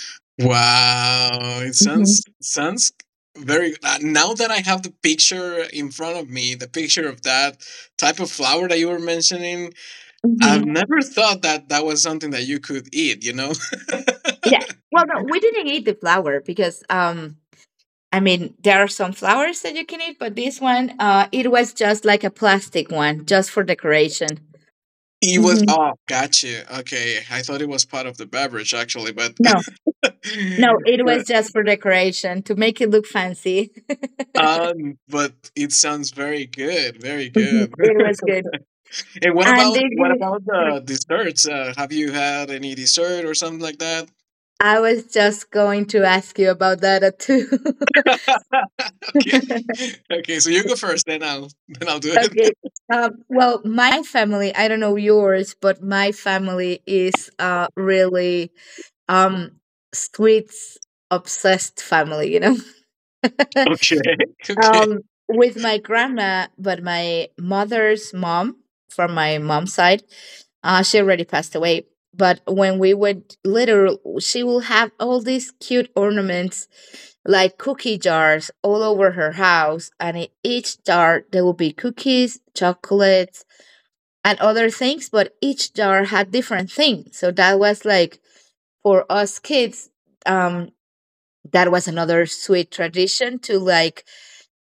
[SPEAKER 2] *laughs* Wow, it
[SPEAKER 1] Hmm.
[SPEAKER 2] sounds sounds very uh, now that I have the picture in front of me, the picture of that type of flower that you were mentioning, I've
[SPEAKER 1] Hmm.
[SPEAKER 2] never thought that that was something that you could eat, you know? *laughs*
[SPEAKER 1] Yeah. Well, no, we didn't eat the flower, because um I mean there are some flowers that you can eat, but this one, uh it was just like a plastic one just for decoration.
[SPEAKER 2] It
[SPEAKER 1] Hmm.
[SPEAKER 2] was, oh, gotcha. Okay. I thought it was part of the beverage, actually, but,
[SPEAKER 1] No,
[SPEAKER 2] *laughs* but,
[SPEAKER 1] no, it was just for decoration to make it look fancy. *laughs*
[SPEAKER 2] um, but it sounds very good. Very
[SPEAKER 1] Mhm.
[SPEAKER 2] good.
[SPEAKER 1] It was
[SPEAKER 2] *laughs*
[SPEAKER 1] good.
[SPEAKER 2] And what
[SPEAKER 1] And
[SPEAKER 2] about,
[SPEAKER 1] did
[SPEAKER 2] what
[SPEAKER 1] you?
[SPEAKER 2] about the desserts? Uh, have you had any dessert or something like that?
[SPEAKER 1] I was just going to ask you about that uh, too.
[SPEAKER 2] Okay.
[SPEAKER 1] *laughs*
[SPEAKER 2] *laughs* Okay. So you go first, then I'll, then I'll do it.
[SPEAKER 1] Okay. Um, well, my family, I don't know yours, but my family is uh really um sweets obsessed family, you know.
[SPEAKER 2] *laughs*
[SPEAKER 1] *laughs*
[SPEAKER 2] Okay. Okay.
[SPEAKER 1] Um, with my grandma, but my mother's mom from my mom's side, uh, she already passed away. But when we were little, she will have all these cute ornaments like cookie jars all over her house. And in each jar, there will be cookies, chocolates, and other things. But each jar had different things. So that was like for us kids, um, that was another sweet tradition to like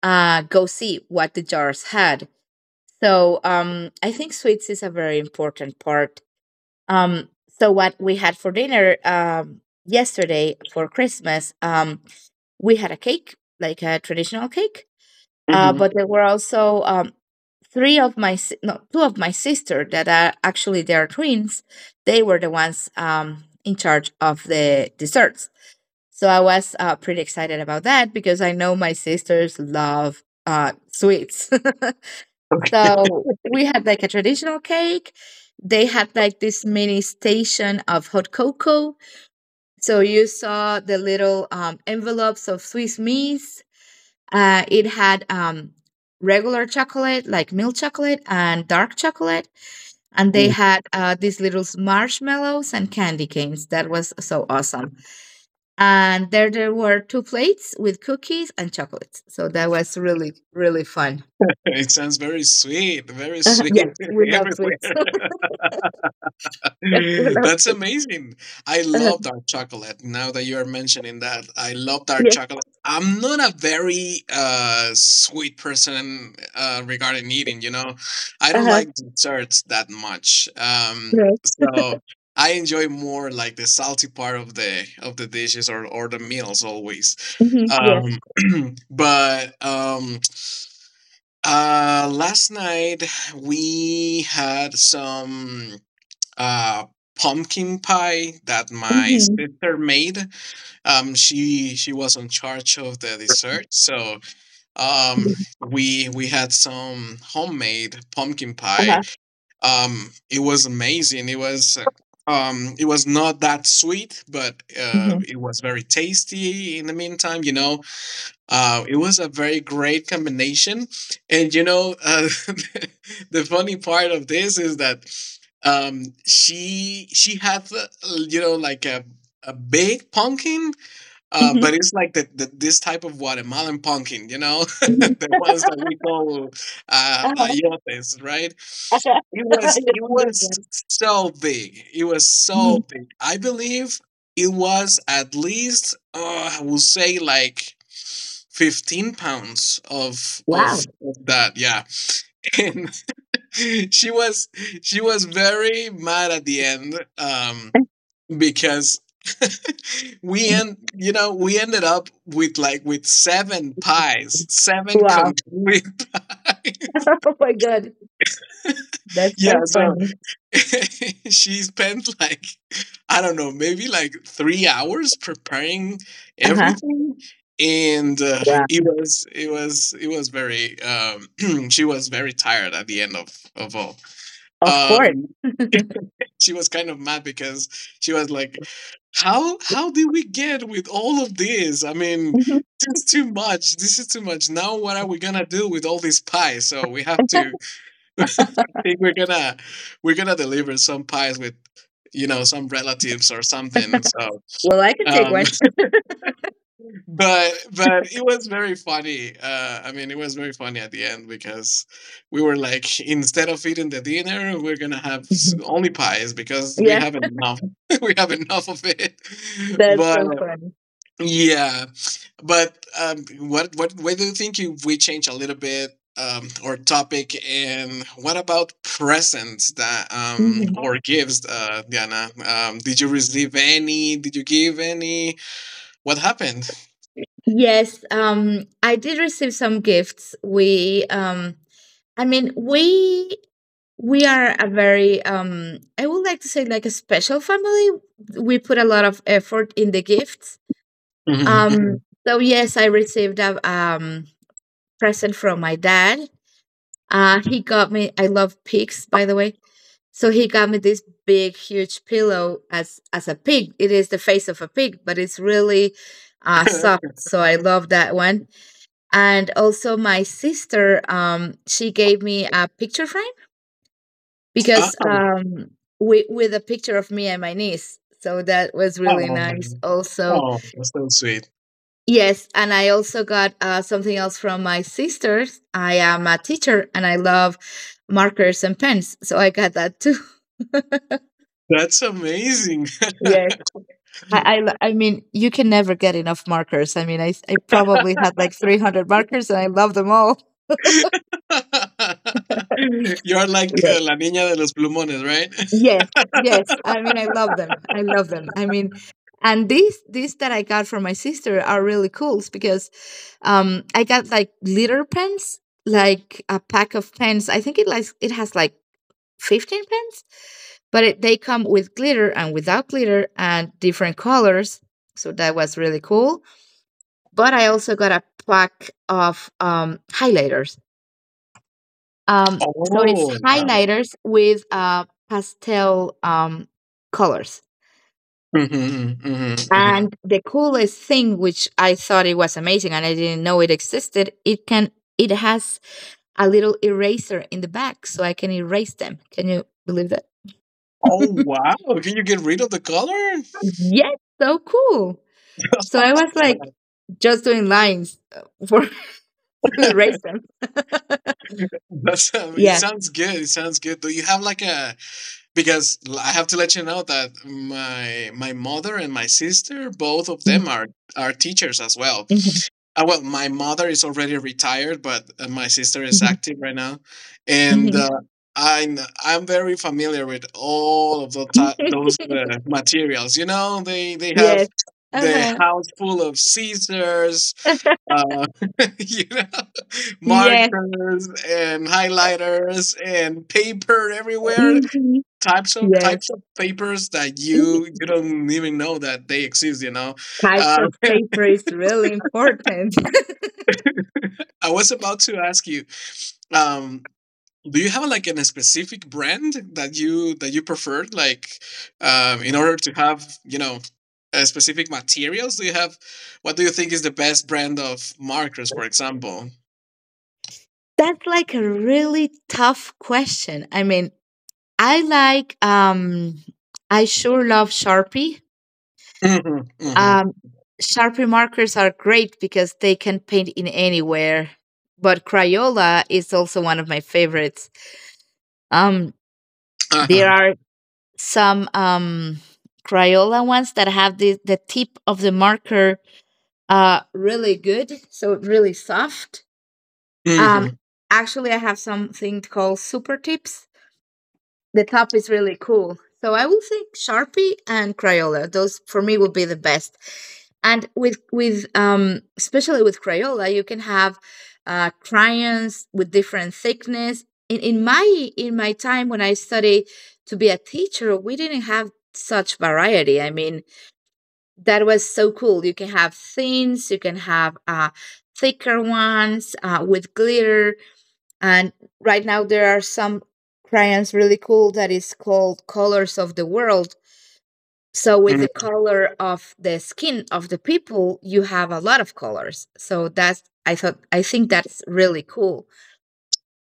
[SPEAKER 1] uh, go see what the jars had. So um, I think sweets is a very important part. Um, so what we had for dinner um, yesterday for Christmas, um, we had a cake, like a traditional cake, uh,
[SPEAKER 2] Hmm.
[SPEAKER 1] but there were also um, three of my si- no, two of my sister that are actually they are twins. They were the ones um, in charge of the desserts. So I was uh, pretty excited about that, because I know my sisters love uh, sweets. *laughs*
[SPEAKER 2] Okay.
[SPEAKER 1] So we had like a traditional cake. They had like this mini station of hot cocoa. So you saw the little um, envelopes of Swiss Miss. Uh, it had um, regular chocolate, like milk chocolate and dark chocolate. And they
[SPEAKER 2] Ooh,
[SPEAKER 1] had uh, these little marshmallows and candy canes. That was so awesome, and there there were two plates with cookies and chocolates. So that was really, really fun.
[SPEAKER 2] it sounds very sweet, very
[SPEAKER 1] Uh-huh. Yeah,
[SPEAKER 2] sweet *laughs*
[SPEAKER 1] we love sweets.
[SPEAKER 2] everywhere.
[SPEAKER 1] *laughs* Yes, we
[SPEAKER 2] *laughs* That's
[SPEAKER 1] love.
[SPEAKER 2] amazing. I
[SPEAKER 1] Uh-huh.
[SPEAKER 2] love dark chocolate. Now that you are mentioning that, I love dark
[SPEAKER 1] Yes.
[SPEAKER 2] chocolate. I'm not a very uh, sweet person, uh, regarding eating, you know. I don't
[SPEAKER 1] Uh-huh.
[SPEAKER 2] like desserts that much. Um,
[SPEAKER 1] Yeah.
[SPEAKER 2] so I enjoy more, like, the salty part of the of the dishes or or the meals always.
[SPEAKER 1] Hmm. Yes.
[SPEAKER 2] Um, *clears throat* but um, uh, last night we had some uh, pumpkin pie that my
[SPEAKER 1] Hmm.
[SPEAKER 2] sister made. Um, she she was in charge of the dessert, so um, we we had some homemade pumpkin pie.
[SPEAKER 1] Uh-huh.
[SPEAKER 2] Um, it was amazing. It was um, it was not that sweet, but uh,
[SPEAKER 1] Hmm.
[SPEAKER 2] it was very tasty. In the meantime, you know, uh, it was a very great combination, and you know, uh, *laughs* the funny part of this is that um, she she had, uh, you know like a a big pumpkin, uh,
[SPEAKER 1] Hmm.
[SPEAKER 2] but it's like the, the this type of Guatemalan pumpkin, you know, *laughs*
[SPEAKER 1] Hmm.
[SPEAKER 2] the ones that we call, uh,
[SPEAKER 1] Uh-huh.
[SPEAKER 2] ayotes, right?
[SPEAKER 1] Uh-huh.
[SPEAKER 2] It
[SPEAKER 1] *laughs*
[SPEAKER 2] was
[SPEAKER 1] I
[SPEAKER 2] it
[SPEAKER 1] just
[SPEAKER 2] was
[SPEAKER 1] understand.
[SPEAKER 2] so big. It was so
[SPEAKER 1] Mhm.
[SPEAKER 2] big. I believe it was at least, uh, I will say, like, fifteen pounds of of,
[SPEAKER 1] Wow.
[SPEAKER 2] of that, yeah. *laughs* And she was she was very mad at the end, um
[SPEAKER 1] *laughs*
[SPEAKER 2] because *laughs* we end you know we ended up with like, with seven pies, seven
[SPEAKER 1] Wow.
[SPEAKER 2] complete *laughs* pies,
[SPEAKER 1] *laughs* Oh my god. That's
[SPEAKER 2] yeah,
[SPEAKER 1] so
[SPEAKER 2] so
[SPEAKER 1] funny.
[SPEAKER 2] *laughs* she spent like, I don't know, maybe like three hours preparing
[SPEAKER 1] Uh-huh.
[SPEAKER 2] everything, and uh,
[SPEAKER 1] Wow.
[SPEAKER 2] it was it was it was very. Um, *clears throat* she was very tired at the end of of all.
[SPEAKER 1] Of course.
[SPEAKER 2] Um, she was kind of mad because she was like, "How how did we get with all of this? I mean."
[SPEAKER 1] Mhm.
[SPEAKER 2] This is too much. This is too much. Now, what are we gonna do with all this pie? So we have to think, we're gonna we're gonna deliver some pies with, you know some relatives or something, so
[SPEAKER 1] Well, I can take
[SPEAKER 2] um
[SPEAKER 1] one. *laughs*
[SPEAKER 2] *laughs* but but it was very funny, uh I mean, it was very funny at the end, because we were like, instead of eating the dinner, we're gonna have s-
[SPEAKER 1] Mhm.
[SPEAKER 2] only pies, because we
[SPEAKER 1] Yeah,
[SPEAKER 2] have enough. *laughs* We have enough of it. *laughs*
[SPEAKER 1] that's so
[SPEAKER 2] But
[SPEAKER 1] funny.
[SPEAKER 2] yeah, but um, what what what do you think if we change a little bit um, our topic, and what about presents that, um,
[SPEAKER 1] Mm-hmm.
[SPEAKER 2] oh, or gifts, uh, Diana? Um, did you receive any? Did you give any? What happened?
[SPEAKER 1] Yes, um, I did receive some gifts. We, um, I mean, we we are a very, um, I would like to say, like a special family. We put a lot of effort in the gifts. Um,
[SPEAKER 2] Hmm.
[SPEAKER 1] so yes, I received a um, present from my dad. Uh, he got me. I love pigs, by the way. So he got me this big, huge pillow as as a pig. It is the face of a pig, but it's really uh, soft.
[SPEAKER 2] *laughs*
[SPEAKER 1] So I love that one. And also my sister, um she gave me a picture frame, because
[SPEAKER 2] Oh,
[SPEAKER 1] um with, with a picture of me and my niece, so that was really nice
[SPEAKER 2] oh,
[SPEAKER 1] also.
[SPEAKER 2] oh, that's so sweet.
[SPEAKER 1] Yes. And I also got uh, something else from my sisters. I am a teacher, and I love markers and pens, so I got that too. *laughs*
[SPEAKER 2] That's amazing. *laughs*
[SPEAKER 1] Yes, I, I lo- I mean you can never get enough markers. I mean i i probably had like three hundred markers, and I love them all.
[SPEAKER 2] You're like, uh, la niña de los plumones, right?
[SPEAKER 1] Yes, yes. I mean, I love them. I love them. I mean, and these these that I got from my sister are really cool, because um I got like litter pens, like a pack of pens. I think it like it has like fifteen pens, but it, they come with glitter and without glitter and different colors. So that was really cool. But I also got a pack of um highlighters. Um so it's
[SPEAKER 2] Oh, wow.
[SPEAKER 1] highlighters with uh pastel um colors.
[SPEAKER 2] Hmm. Hmm. Hmm.
[SPEAKER 1] And the coolest thing, which I thought it was amazing and I didn't know it existed, it can it has a little eraser in the back, so I can erase them. Can you believe that?
[SPEAKER 2] Oh,
[SPEAKER 1] *laughs*
[SPEAKER 2] wow. Can you get rid of the color?
[SPEAKER 1] Yes, so cool. So I was
[SPEAKER 2] *laughs*
[SPEAKER 1] like just doing lines uh, for *laughs* to erase them. *laughs*
[SPEAKER 2] That's um, it
[SPEAKER 1] Yeah.
[SPEAKER 2] sounds good. It sounds good. Do you have like a, because l- I have to let you know that my my mother and my sister, both of
[SPEAKER 1] Mhm,
[SPEAKER 2] them are are teachers as well.
[SPEAKER 1] mhm,
[SPEAKER 2] Uh, well, my mother is already retired, but uh, my sister is
[SPEAKER 1] mhm,
[SPEAKER 2] active right now, and
[SPEAKER 1] mhm.
[SPEAKER 2] uh, I'm I'm very familiar with all of the ti those uh,
[SPEAKER 1] *laughs*
[SPEAKER 2] materials. You know, they they have
[SPEAKER 1] Yes.
[SPEAKER 2] the
[SPEAKER 1] Uh-huh.
[SPEAKER 2] house full of scissors,
[SPEAKER 1] *laughs*
[SPEAKER 2] uh, *laughs* you know,
[SPEAKER 1] yes.
[SPEAKER 2] markers and highlighters and paper everywhere.
[SPEAKER 1] Mhm.
[SPEAKER 2] Types of types
[SPEAKER 1] Yes.
[SPEAKER 2] of papers that you
[SPEAKER 1] *laughs*
[SPEAKER 2] you don't even know that they exist. You know,
[SPEAKER 1] Types
[SPEAKER 2] uh,
[SPEAKER 1] of paper is really important.
[SPEAKER 2] I was about to ask you. Um, do you have like an, a specific brand that you that you prefer, like, um, in order to have, you know uh, specific materials? Do you have, what do you think is the best brand of markers, for example?
[SPEAKER 1] That's like a really tough question. I mean, I like um I sure love Sharpie.
[SPEAKER 2] Hmm. Hmm.
[SPEAKER 1] Um Sharpie markers are great because they can paint in anywhere. But Crayola is also one of my favorites. Um There
[SPEAKER 2] Uh-huh.
[SPEAKER 1] are some um, Crayola ones that have the, the tip of the marker uh, really good, so really soft. Um,
[SPEAKER 2] Hmm.
[SPEAKER 1] Actually, I have something called super tips. The top is really cool. So I will say Sharpie and Crayola. Those for me would be the best. And with with um especially with Crayola, you can have uh, crayons with different thickness. In in my in my time when I studied to be a teacher, we didn't have such variety. I mean, that was so cool. You can have thins, you can have uh, thicker ones uh, with glitter. And right now there are some crayons really cool that is called Colors of the World, so with the
[SPEAKER 2] Hmm.
[SPEAKER 1] color of the skin of the people you have a lot of colors. So that's i thought I think that's really cool.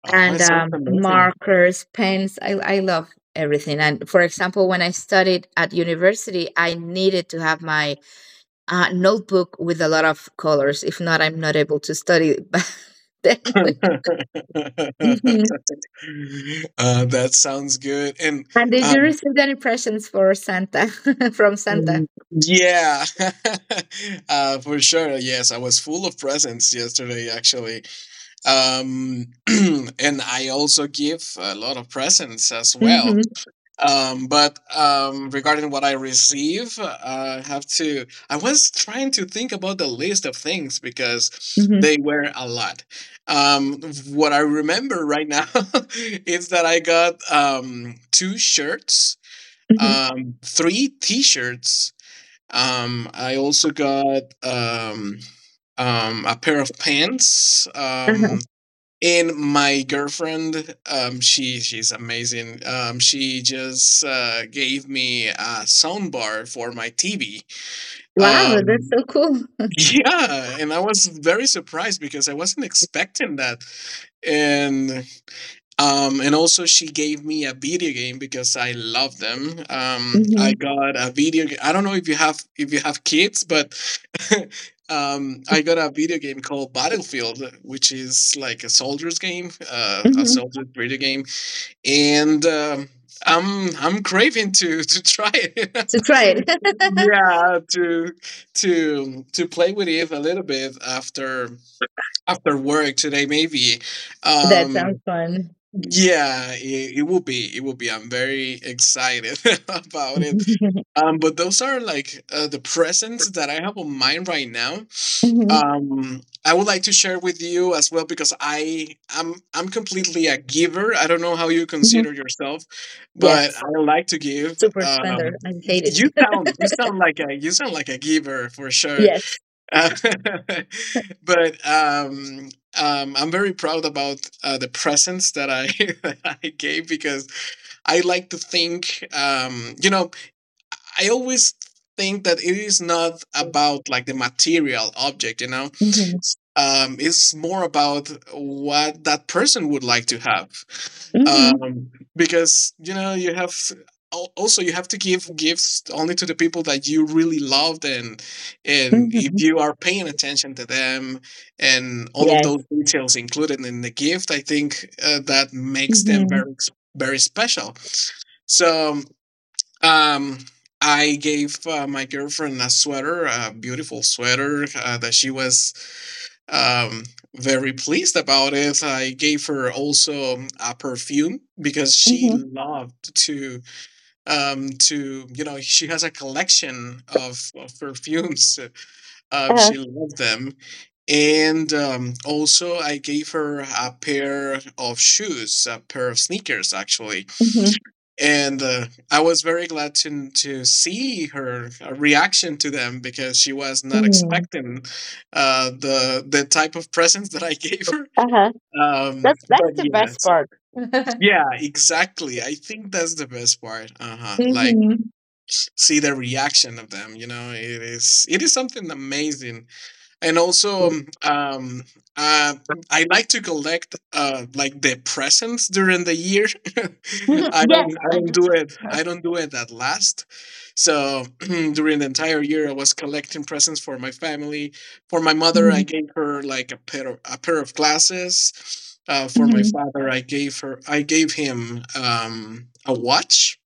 [SPEAKER 2] Oh, it
[SPEAKER 1] And
[SPEAKER 2] sounds
[SPEAKER 1] um,
[SPEAKER 2] amazing.
[SPEAKER 1] markers, pens, I, I love everything. And for example, when I studied at university, I needed to have my uh, notebook with a lot of colors. If not, I'm not able to study. *laughs* Then
[SPEAKER 2] *laughs* uh,
[SPEAKER 1] *laughs*
[SPEAKER 2] that sounds good. and
[SPEAKER 1] And did you
[SPEAKER 2] um
[SPEAKER 1] receive any presents for Santa *laughs* from Santa?
[SPEAKER 2] mm, yeah. *laughs* Uh, for sure. Yes, I was full of presents yesterday, actually. Um, *clears throat* and I also give a lot of presents as well.
[SPEAKER 1] Mm-hmm,
[SPEAKER 2] Um, but um, regarding what I receive, uh, I have to. I was trying to think about the list of things because
[SPEAKER 1] mm-hmm,
[SPEAKER 2] they were a lot. Um, what I remember right now *laughs* is that I got, um, two shirts,
[SPEAKER 1] hmm,
[SPEAKER 2] um, three t shirts. Um, I also got um, um, a pair of pants,
[SPEAKER 1] uh-huh.
[SPEAKER 2] um, and my girlfriend, um she she's amazing. Um she just uh gave me a sound bar for my TV.
[SPEAKER 1] Wow, that's
[SPEAKER 2] um
[SPEAKER 1] so cool.
[SPEAKER 2] *laughs* yeah, and I was very surprised because I wasn't expecting that, and um and also she gave me a video game because I love them. Um i
[SPEAKER 1] Mm-hmm,
[SPEAKER 2] got a video ga- I don't know if you have if you have kids, but *laughs* um, I got a video game called Battlefield, which is like a soldiers game, uh, a
[SPEAKER 1] mm-hmm.
[SPEAKER 2] soldier video game, and um, I'm I'm craving to *laughs* to try it.
[SPEAKER 1] To
[SPEAKER 2] *laughs*
[SPEAKER 1] try it.
[SPEAKER 2] Yeah, to to to play with it a little bit after after work today, maybe.
[SPEAKER 1] *laughs* That sounds
[SPEAKER 2] Um,
[SPEAKER 1] fun.
[SPEAKER 2] yeah, it, it will be. It will be. I'm very excited *laughs* about it.
[SPEAKER 1] *laughs*
[SPEAKER 2] Um, but those are like, uh, the presents that I have on mind right now.
[SPEAKER 1] Hmm,
[SPEAKER 2] Um, I would like to share with you as well because I I'm I'm completely a giver. I don't know how you
[SPEAKER 1] hmm.
[SPEAKER 2] consider yourself, but
[SPEAKER 1] Yes,
[SPEAKER 2] I like to give.
[SPEAKER 1] super spender.
[SPEAKER 2] Um,
[SPEAKER 1] I
[SPEAKER 2] y-
[SPEAKER 1] hate
[SPEAKER 2] you sound you
[SPEAKER 1] it.
[SPEAKER 2] sound like a you sound like a giver for
[SPEAKER 1] *laughs*
[SPEAKER 2] sure.
[SPEAKER 1] Yes.
[SPEAKER 2] Uh, *laughs* but um, um, I'm very proud about, uh, the presents that I *laughs* that I gave, because I like to think. Um, you know, I always think that it is not about, like, the material object, you know.
[SPEAKER 1] Mm-hmm,
[SPEAKER 2] Um, it's more about what that person would like to have,
[SPEAKER 1] hmm,
[SPEAKER 2] um, because you know you have, al- also, you have to give gifts only to the people that you really loved, and and if
[SPEAKER 1] hmm.
[SPEAKER 2] you are paying attention to them and all of
[SPEAKER 1] Yes.
[SPEAKER 2] those details included in the gift, I think, uh, that makes them
[SPEAKER 1] Hmm,
[SPEAKER 2] very ex- very special. So um, um, I gave, uh, my girlfriend a sweater, a beautiful sweater, uh, that she was, um, very pleased about it. I gave her also, um, a perfume, because she
[SPEAKER 1] hmm.
[SPEAKER 2] loved to, um, to, you know she has a collection of, of perfumes. Uh,
[SPEAKER 1] Uh,
[SPEAKER 2] she loved them, and um, also I gave her a pair of shoes, a pair of sneakers, actually,
[SPEAKER 1] hmm,
[SPEAKER 2] and uh, I was very glad to to see her, uh, reaction to them, because she was not
[SPEAKER 1] hmm.
[SPEAKER 2] expecting, uh, the the type of presents that I *laughs* gave her.
[SPEAKER 1] Uh-huh.
[SPEAKER 2] Um,
[SPEAKER 1] That's that's
[SPEAKER 2] but
[SPEAKER 1] the
[SPEAKER 2] yeah,
[SPEAKER 1] best
[SPEAKER 2] so-
[SPEAKER 1] part. *laughs* Hmm,
[SPEAKER 2] yeah, exactly. I think that's the best part. Uh huh. Like,
[SPEAKER 1] hmm.
[SPEAKER 2] see the reaction of them. You know, it is it is something amazing, and also um, um, uh, I like to collect, uh, like, the presents during the year. *laughs* I
[SPEAKER 1] Yes,
[SPEAKER 2] don't I
[SPEAKER 1] I
[SPEAKER 2] don't
[SPEAKER 1] do.
[SPEAKER 2] do it I don't do it at last. So *clears throat* during the entire year, I was collecting presents for my family. For my mother,
[SPEAKER 1] Mm-hmm,
[SPEAKER 2] I gave her like a pair of, a pair of glasses. Uh, for my
[SPEAKER 1] mm-hmm.
[SPEAKER 2] father, I gave her I gave him, um, a watch.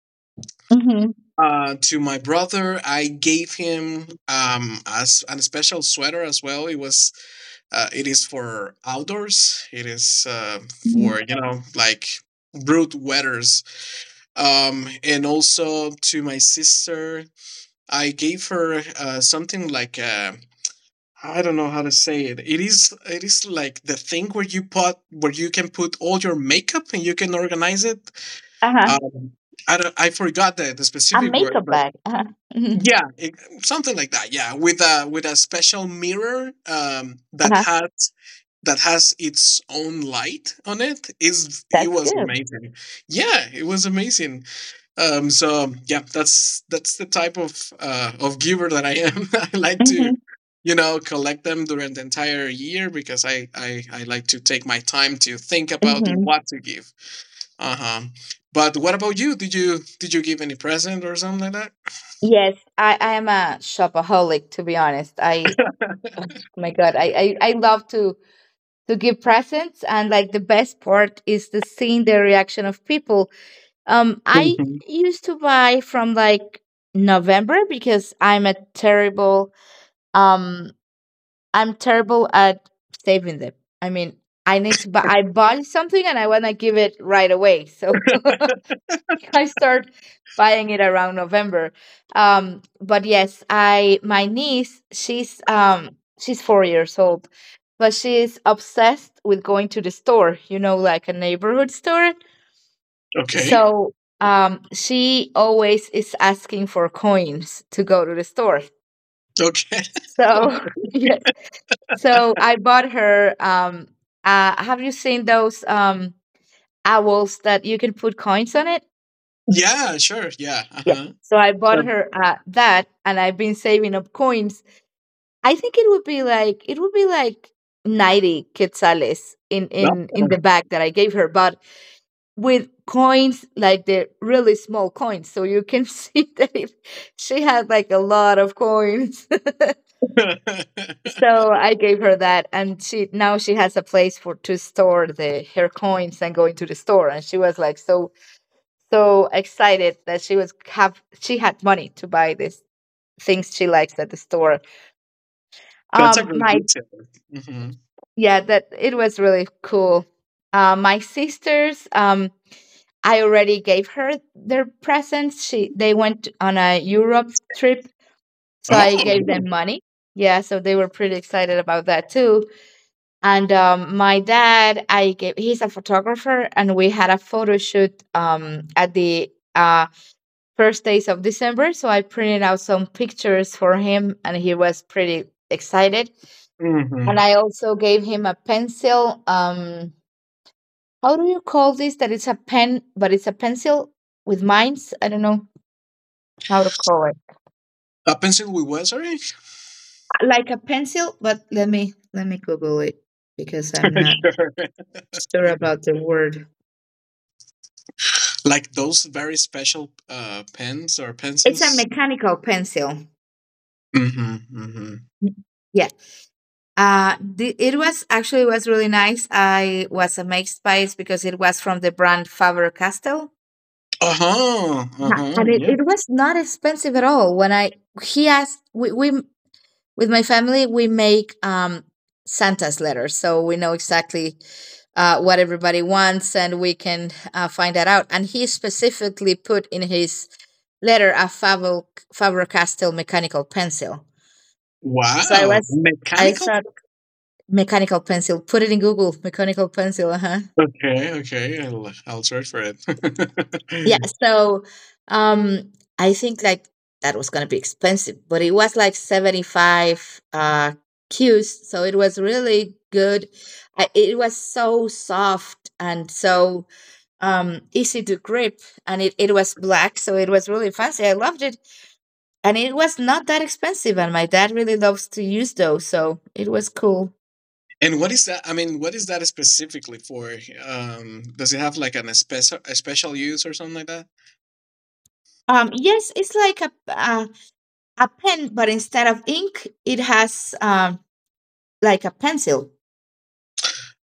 [SPEAKER 1] Mhm,
[SPEAKER 2] Uh, to my brother, I gave him, um, as an special sweater as well. It was uh, it is for outdoors. It is, uh,
[SPEAKER 1] mhm.
[SPEAKER 2] for, you know like, brute weathers. Um, and also to my sister, I gave her, uh, something like, uh I don't know how to say it. It is it is like the thing where you put where you can put all your makeup and you can organize it.
[SPEAKER 1] Uh-huh.
[SPEAKER 2] Um, I don't, I forgot the, the
[SPEAKER 1] A
[SPEAKER 2] specific word,
[SPEAKER 1] makeup
[SPEAKER 2] but
[SPEAKER 1] bag. Uh-huh. Mhm,
[SPEAKER 2] yeah, it, something like that. Yeah, with a with a special mirror, um, that
[SPEAKER 1] uh-huh.
[SPEAKER 2] has that has its own light on it. Is it
[SPEAKER 1] That's
[SPEAKER 2] was
[SPEAKER 1] good.
[SPEAKER 2] amazing. Yeah, it was amazing. Um so yeah, that's that's the type of uh of giver that I am. *laughs* I like to,
[SPEAKER 1] Mhm,
[SPEAKER 2] you know collect them during the entire year, because i i, I like to take my time to think about
[SPEAKER 1] mhm.
[SPEAKER 2] what to give. Uh-huh. But what about you? Did you did you give any present or something like that?
[SPEAKER 1] Yes, I I am a shopaholic, to be honest. I Oh my God, I, I I love to to give presents, and like, the best part is the seeing the reaction of people. Um, I
[SPEAKER 2] Mhm.
[SPEAKER 1] used to buy from like November because I'm a terrible, um I'm terrible at saving them. I mean, I need to buy, I buy something and I want to give it right away. So *laughs* I start buying it around November. Um, but yes, I, my niece, she's, um, she's four years old, but she's obsessed with going to the store, you know, like a neighborhood store.
[SPEAKER 2] Okay,
[SPEAKER 1] So, um, she always is asking for coins to go to the store.
[SPEAKER 2] okay.
[SPEAKER 1] So,
[SPEAKER 2] *laughs*
[SPEAKER 1] *laughs* yeah, so I bought her. Um, uh, have you seen those um, owls that you can put coins on it?
[SPEAKER 2] Yeah, sure, yeah.
[SPEAKER 1] Yeah.
[SPEAKER 2] Uh-huh.
[SPEAKER 1] So I
[SPEAKER 2] Uh,
[SPEAKER 1] bought her uh, that, and I've been saving up coins. I think it would be like it would be like ninety quetzales in in in the bag that I gave her, but with coins like the really small coins. So you can *laughs* see that it, she had like a lot of coins.
[SPEAKER 2] huh. *laughs* *laughs*
[SPEAKER 1] So I gave her that, and she now she has a place for to store the her coins and go into the store. And she was like so so excited that she was have she had money to buy these things she likes at the store.
[SPEAKER 2] That's a
[SPEAKER 1] Um,
[SPEAKER 2] great
[SPEAKER 1] my
[SPEAKER 2] detail. Hmm.
[SPEAKER 1] Yeah, that it was really cool. Uh, my sisters, um, I already gave her their presents. She They went on a Europe trip, so I gave
[SPEAKER 2] Oh,
[SPEAKER 1] them money. Yeah, so they were pretty excited about that too. And um, my dad, I gave, he's a photographer, and we had a photo shoot um, at the uh, first days of December. So I printed out some pictures for him, and he was pretty excited. And
[SPEAKER 2] hmm
[SPEAKER 1] I also gave him a pencil. Um, how do you call this? That it's a pen, but it's a pencil with mines. I don't know how to call it.
[SPEAKER 2] a pencil with what? Sorry, *laughs*
[SPEAKER 1] Like a pencil, but let me let me Google it because I'm not
[SPEAKER 2] sure.
[SPEAKER 1] sure about the word.
[SPEAKER 2] Like those very special, uh, pens or
[SPEAKER 1] It's a
[SPEAKER 2] pencils.
[SPEAKER 1] mechanical pencil.
[SPEAKER 2] Hmm. Hmm.
[SPEAKER 1] Mm, yeah. Uh, the, it was actually was really nice. I was amazed by it because it was from the brand Faber Castell.
[SPEAKER 2] Uh huh. Uh
[SPEAKER 1] Yeah.
[SPEAKER 2] huh.
[SPEAKER 1] And it,
[SPEAKER 2] Yeah.
[SPEAKER 1] it was not expensive at all. When I he asked, we, we with my family we make um Santa's letters, so we know exactly uh, what everybody wants, and we can uh, find that out. And he specifically put in his letter a Faber Faber Castell mechanical pencil. So I
[SPEAKER 2] Wow.
[SPEAKER 1] was I
[SPEAKER 2] Mechanical.
[SPEAKER 1] thought mechanical pencil, put it in Google, mechanical pencil, uh-huh,
[SPEAKER 2] Okay. Okay. I'll, I'll search for it.
[SPEAKER 1] yeah.
[SPEAKER 2] *laughs*
[SPEAKER 1] So um I think like that was going to be expensive, but it was like seventy-five uh cues, so it was really good. I, it was so soft and so um easy to grip, and it, it was black, so it was really fancy. I loved it, and it was not that expensive, and my dad really loves to use those, so it was cool.
[SPEAKER 2] And what is that? I mean, what is that specifically for? Um, does it have like, an a special, a special use or something like that?
[SPEAKER 1] Um yes, it's like a, a a pen, but instead of ink, it has um, like a pencil.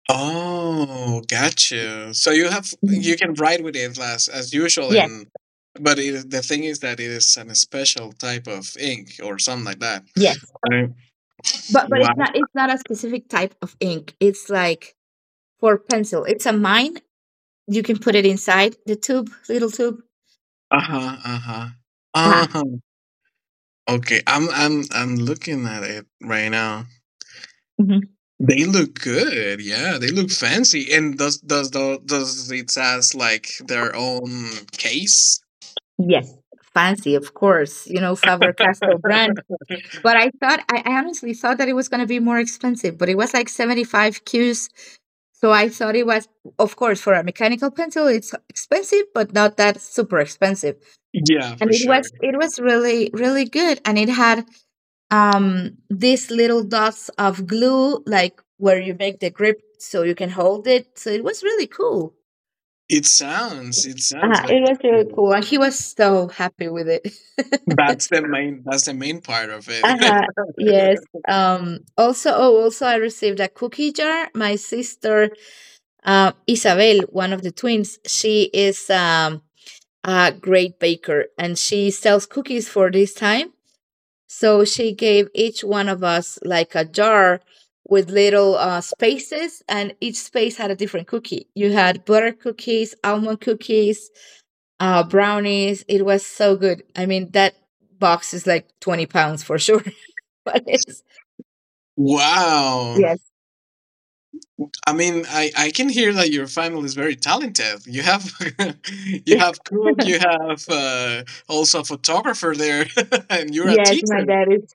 [SPEAKER 2] Oh, got you. So you have
[SPEAKER 1] Mhm.
[SPEAKER 2] you can ride with it as as usual,
[SPEAKER 1] Yes,
[SPEAKER 2] and but it, the thing is that it is an special type of ink or something like that.
[SPEAKER 1] yes.
[SPEAKER 2] Right.
[SPEAKER 1] But but it's
[SPEAKER 2] Wow.
[SPEAKER 1] not it's not a specific type of ink. It's like for pencil. It's a mine. You can put it inside the tube, little tube.
[SPEAKER 2] Uh huh. Uh huh. Uh
[SPEAKER 1] Ah,
[SPEAKER 2] huh. Okay. I'm I'm I'm looking at it right now.
[SPEAKER 1] mhm.
[SPEAKER 2] They look good. Yeah, they look fancy. And does does the, does it has like their own case?
[SPEAKER 1] Yes. Fancy, of course, you know, Faber Castell brand.
[SPEAKER 2] *laughs*
[SPEAKER 1] But I thought, I, I honestly thought that it was going to be more expensive, but it was like seventy-five Qs. So I thought it was, of course, for a mechanical pencil, it's expensive, but not that super expensive.
[SPEAKER 2] Yeah,
[SPEAKER 1] And
[SPEAKER 2] for
[SPEAKER 1] it
[SPEAKER 2] sure.
[SPEAKER 1] was it was really really good, and it had um these little dots of glue like where you make the grip so you can hold it, so it was really cool.
[SPEAKER 2] It sounds. It sounds
[SPEAKER 1] Uh-huh,
[SPEAKER 2] like.
[SPEAKER 1] it was really cool and he was so happy with it.
[SPEAKER 2] That's
[SPEAKER 1] *laughs*
[SPEAKER 2] the main that's the main part of it.
[SPEAKER 1] Uh-huh. Yes.
[SPEAKER 2] *laughs*
[SPEAKER 1] Um also oh also, I received a cookie jar. My sister uh, Isabel, one of the twins, she is um a great baker, and she sells cookies for this time. So she gave each one of us like a jar with little uh, spaces, and each space had a different cookie. You had butter cookies, almond cookies, uh, brownies. It was so good. I mean, that box is like twenty pounds for sure. *laughs* But it's,
[SPEAKER 2] Wow.
[SPEAKER 1] yes.
[SPEAKER 2] I mean, I I can hear that your family is very talented. You have *laughs* you have cook,
[SPEAKER 1] *laughs*
[SPEAKER 2] you have, uh, also a photographer there *laughs* and you're a
[SPEAKER 1] Yes, my
[SPEAKER 2] teacher.
[SPEAKER 1] dad is.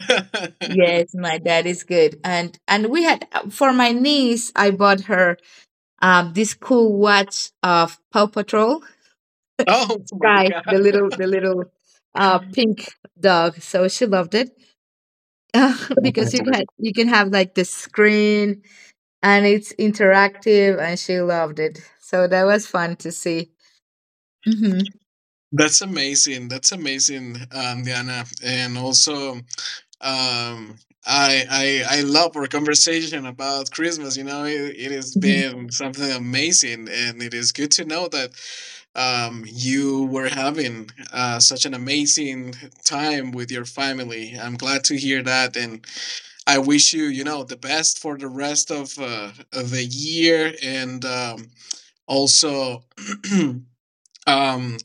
[SPEAKER 2] *laughs*
[SPEAKER 1] Yes, my dad is good. And and we had uh, for my niece, I bought her um, this cool watch of Paw Patrol
[SPEAKER 2] Oh my
[SPEAKER 1] guy, the
[SPEAKER 2] god.
[SPEAKER 1] little
[SPEAKER 2] *laughs*
[SPEAKER 1] the little uh pink dog. So she loved it *laughs* because you
[SPEAKER 2] Definitely.
[SPEAKER 1] can you can have like the screen and it's interactive, and she loved it. So that was fun to see. Hmm,
[SPEAKER 2] That's amazing. That's amazing, um, Diana. And also, um I, I i love our conversation about Christmas. you know it, it has
[SPEAKER 1] hmm,
[SPEAKER 2] been something amazing, and it is good to know that, um you were having, uh such an amazing time with your family. I'm glad to hear that, and I wish you, you know the best for the rest of uh of the year, and um also *clears throat* um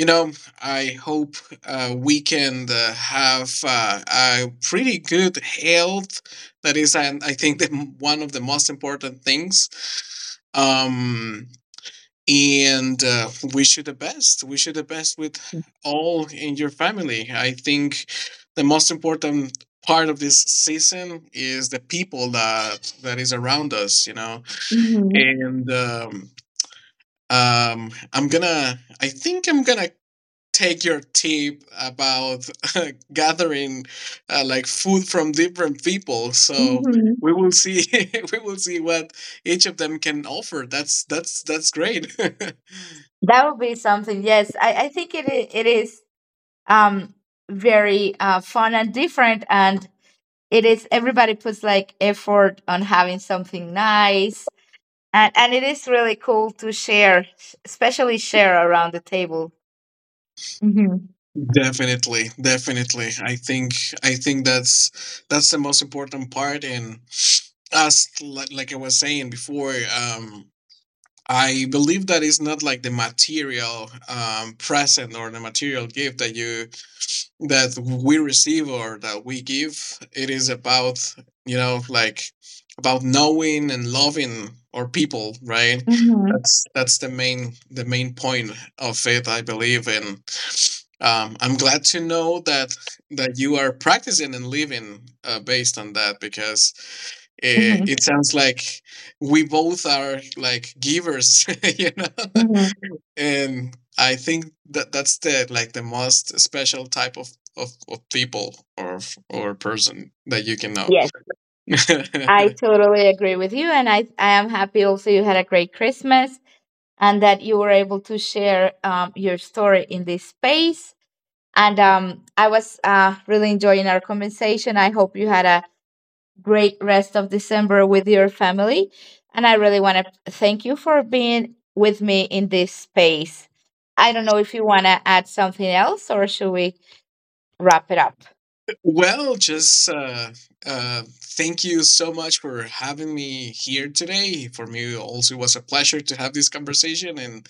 [SPEAKER 2] you know, I hope, uh, we can, uh, have, uh, a pretty good health. That is, and I think, the, one of the most important things. Um, and uh, wish you the best. Wish you the best with all in your family. I think the most important part of this season is the people that that is around us. You know,
[SPEAKER 1] hmm,
[SPEAKER 2] and um, um, I'm gonna. I think I'm gonna take your tip about *laughs* uh, gathering, uh, like, food from different people. So
[SPEAKER 1] hmm.
[SPEAKER 2] we will see *laughs* we will see what each of them can offer. That's that's that's great.
[SPEAKER 1] That would be something. Yes,
[SPEAKER 2] *laughs*
[SPEAKER 1] I I think it i- it is um very uh fun and different and. It is Everybody puts like effort on having something nice, and and it is really cool to share, especially share around the table. Mm-hmm.
[SPEAKER 2] Definitely, definitely. I think I think that's that's the most important part. And as, like, like I was saying before, um, I believe that it's not like the material, um, present, or the material gift that you that we receive or that we give. It is about, you know like, about knowing and loving our people, right?
[SPEAKER 1] Mm-hmm.
[SPEAKER 2] That's that's the main the main point of it, I believe, and um, i'm glad to know that that you are practicing and living, uh, based on that, because it,
[SPEAKER 1] Mm-hmm.
[SPEAKER 2] it sounds like we both are, like, givers. *laughs* you know
[SPEAKER 1] Mm-hmm.
[SPEAKER 2] and I think that that's, the like, the most special type of of, of people or or person that you can know.
[SPEAKER 1] Yes, I
[SPEAKER 2] *laughs*
[SPEAKER 1] totally agree with you, and i i am happy also you had a great Christmas, and that you were able to share um, your story in this space, and um, I was uh, really enjoying our conversation. I hope you had a great rest of December with your family. And I really want to thank you for being with me in this space. I don't know if you want to add something else or should we wrap it up?
[SPEAKER 2] Well, just uh, uh, thank you so much for having me here today. For me, also was a pleasure to have this conversation, and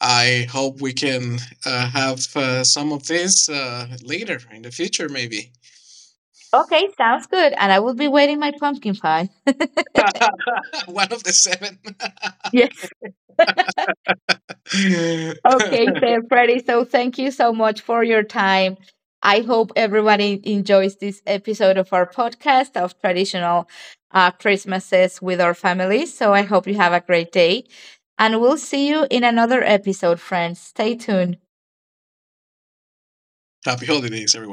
[SPEAKER 2] I hope we can, uh, have, uh, some of this, uh, later in the future, maybe.
[SPEAKER 1] Okay, sounds good. And I will be waiting my pumpkin pie. *laughs*
[SPEAKER 2] *laughs* One of the seven. *laughs* Okay.
[SPEAKER 1] Yes.
[SPEAKER 2] *laughs*
[SPEAKER 1] Okay, so Freddy, so thank you so much for your time. I hope everyone en- enjoys this episode of our podcast of traditional uh, Christmases with our families. So I hope you have a great day and we'll see you in another episode, friends. Stay tuned.
[SPEAKER 2] Happy holidays, everyone.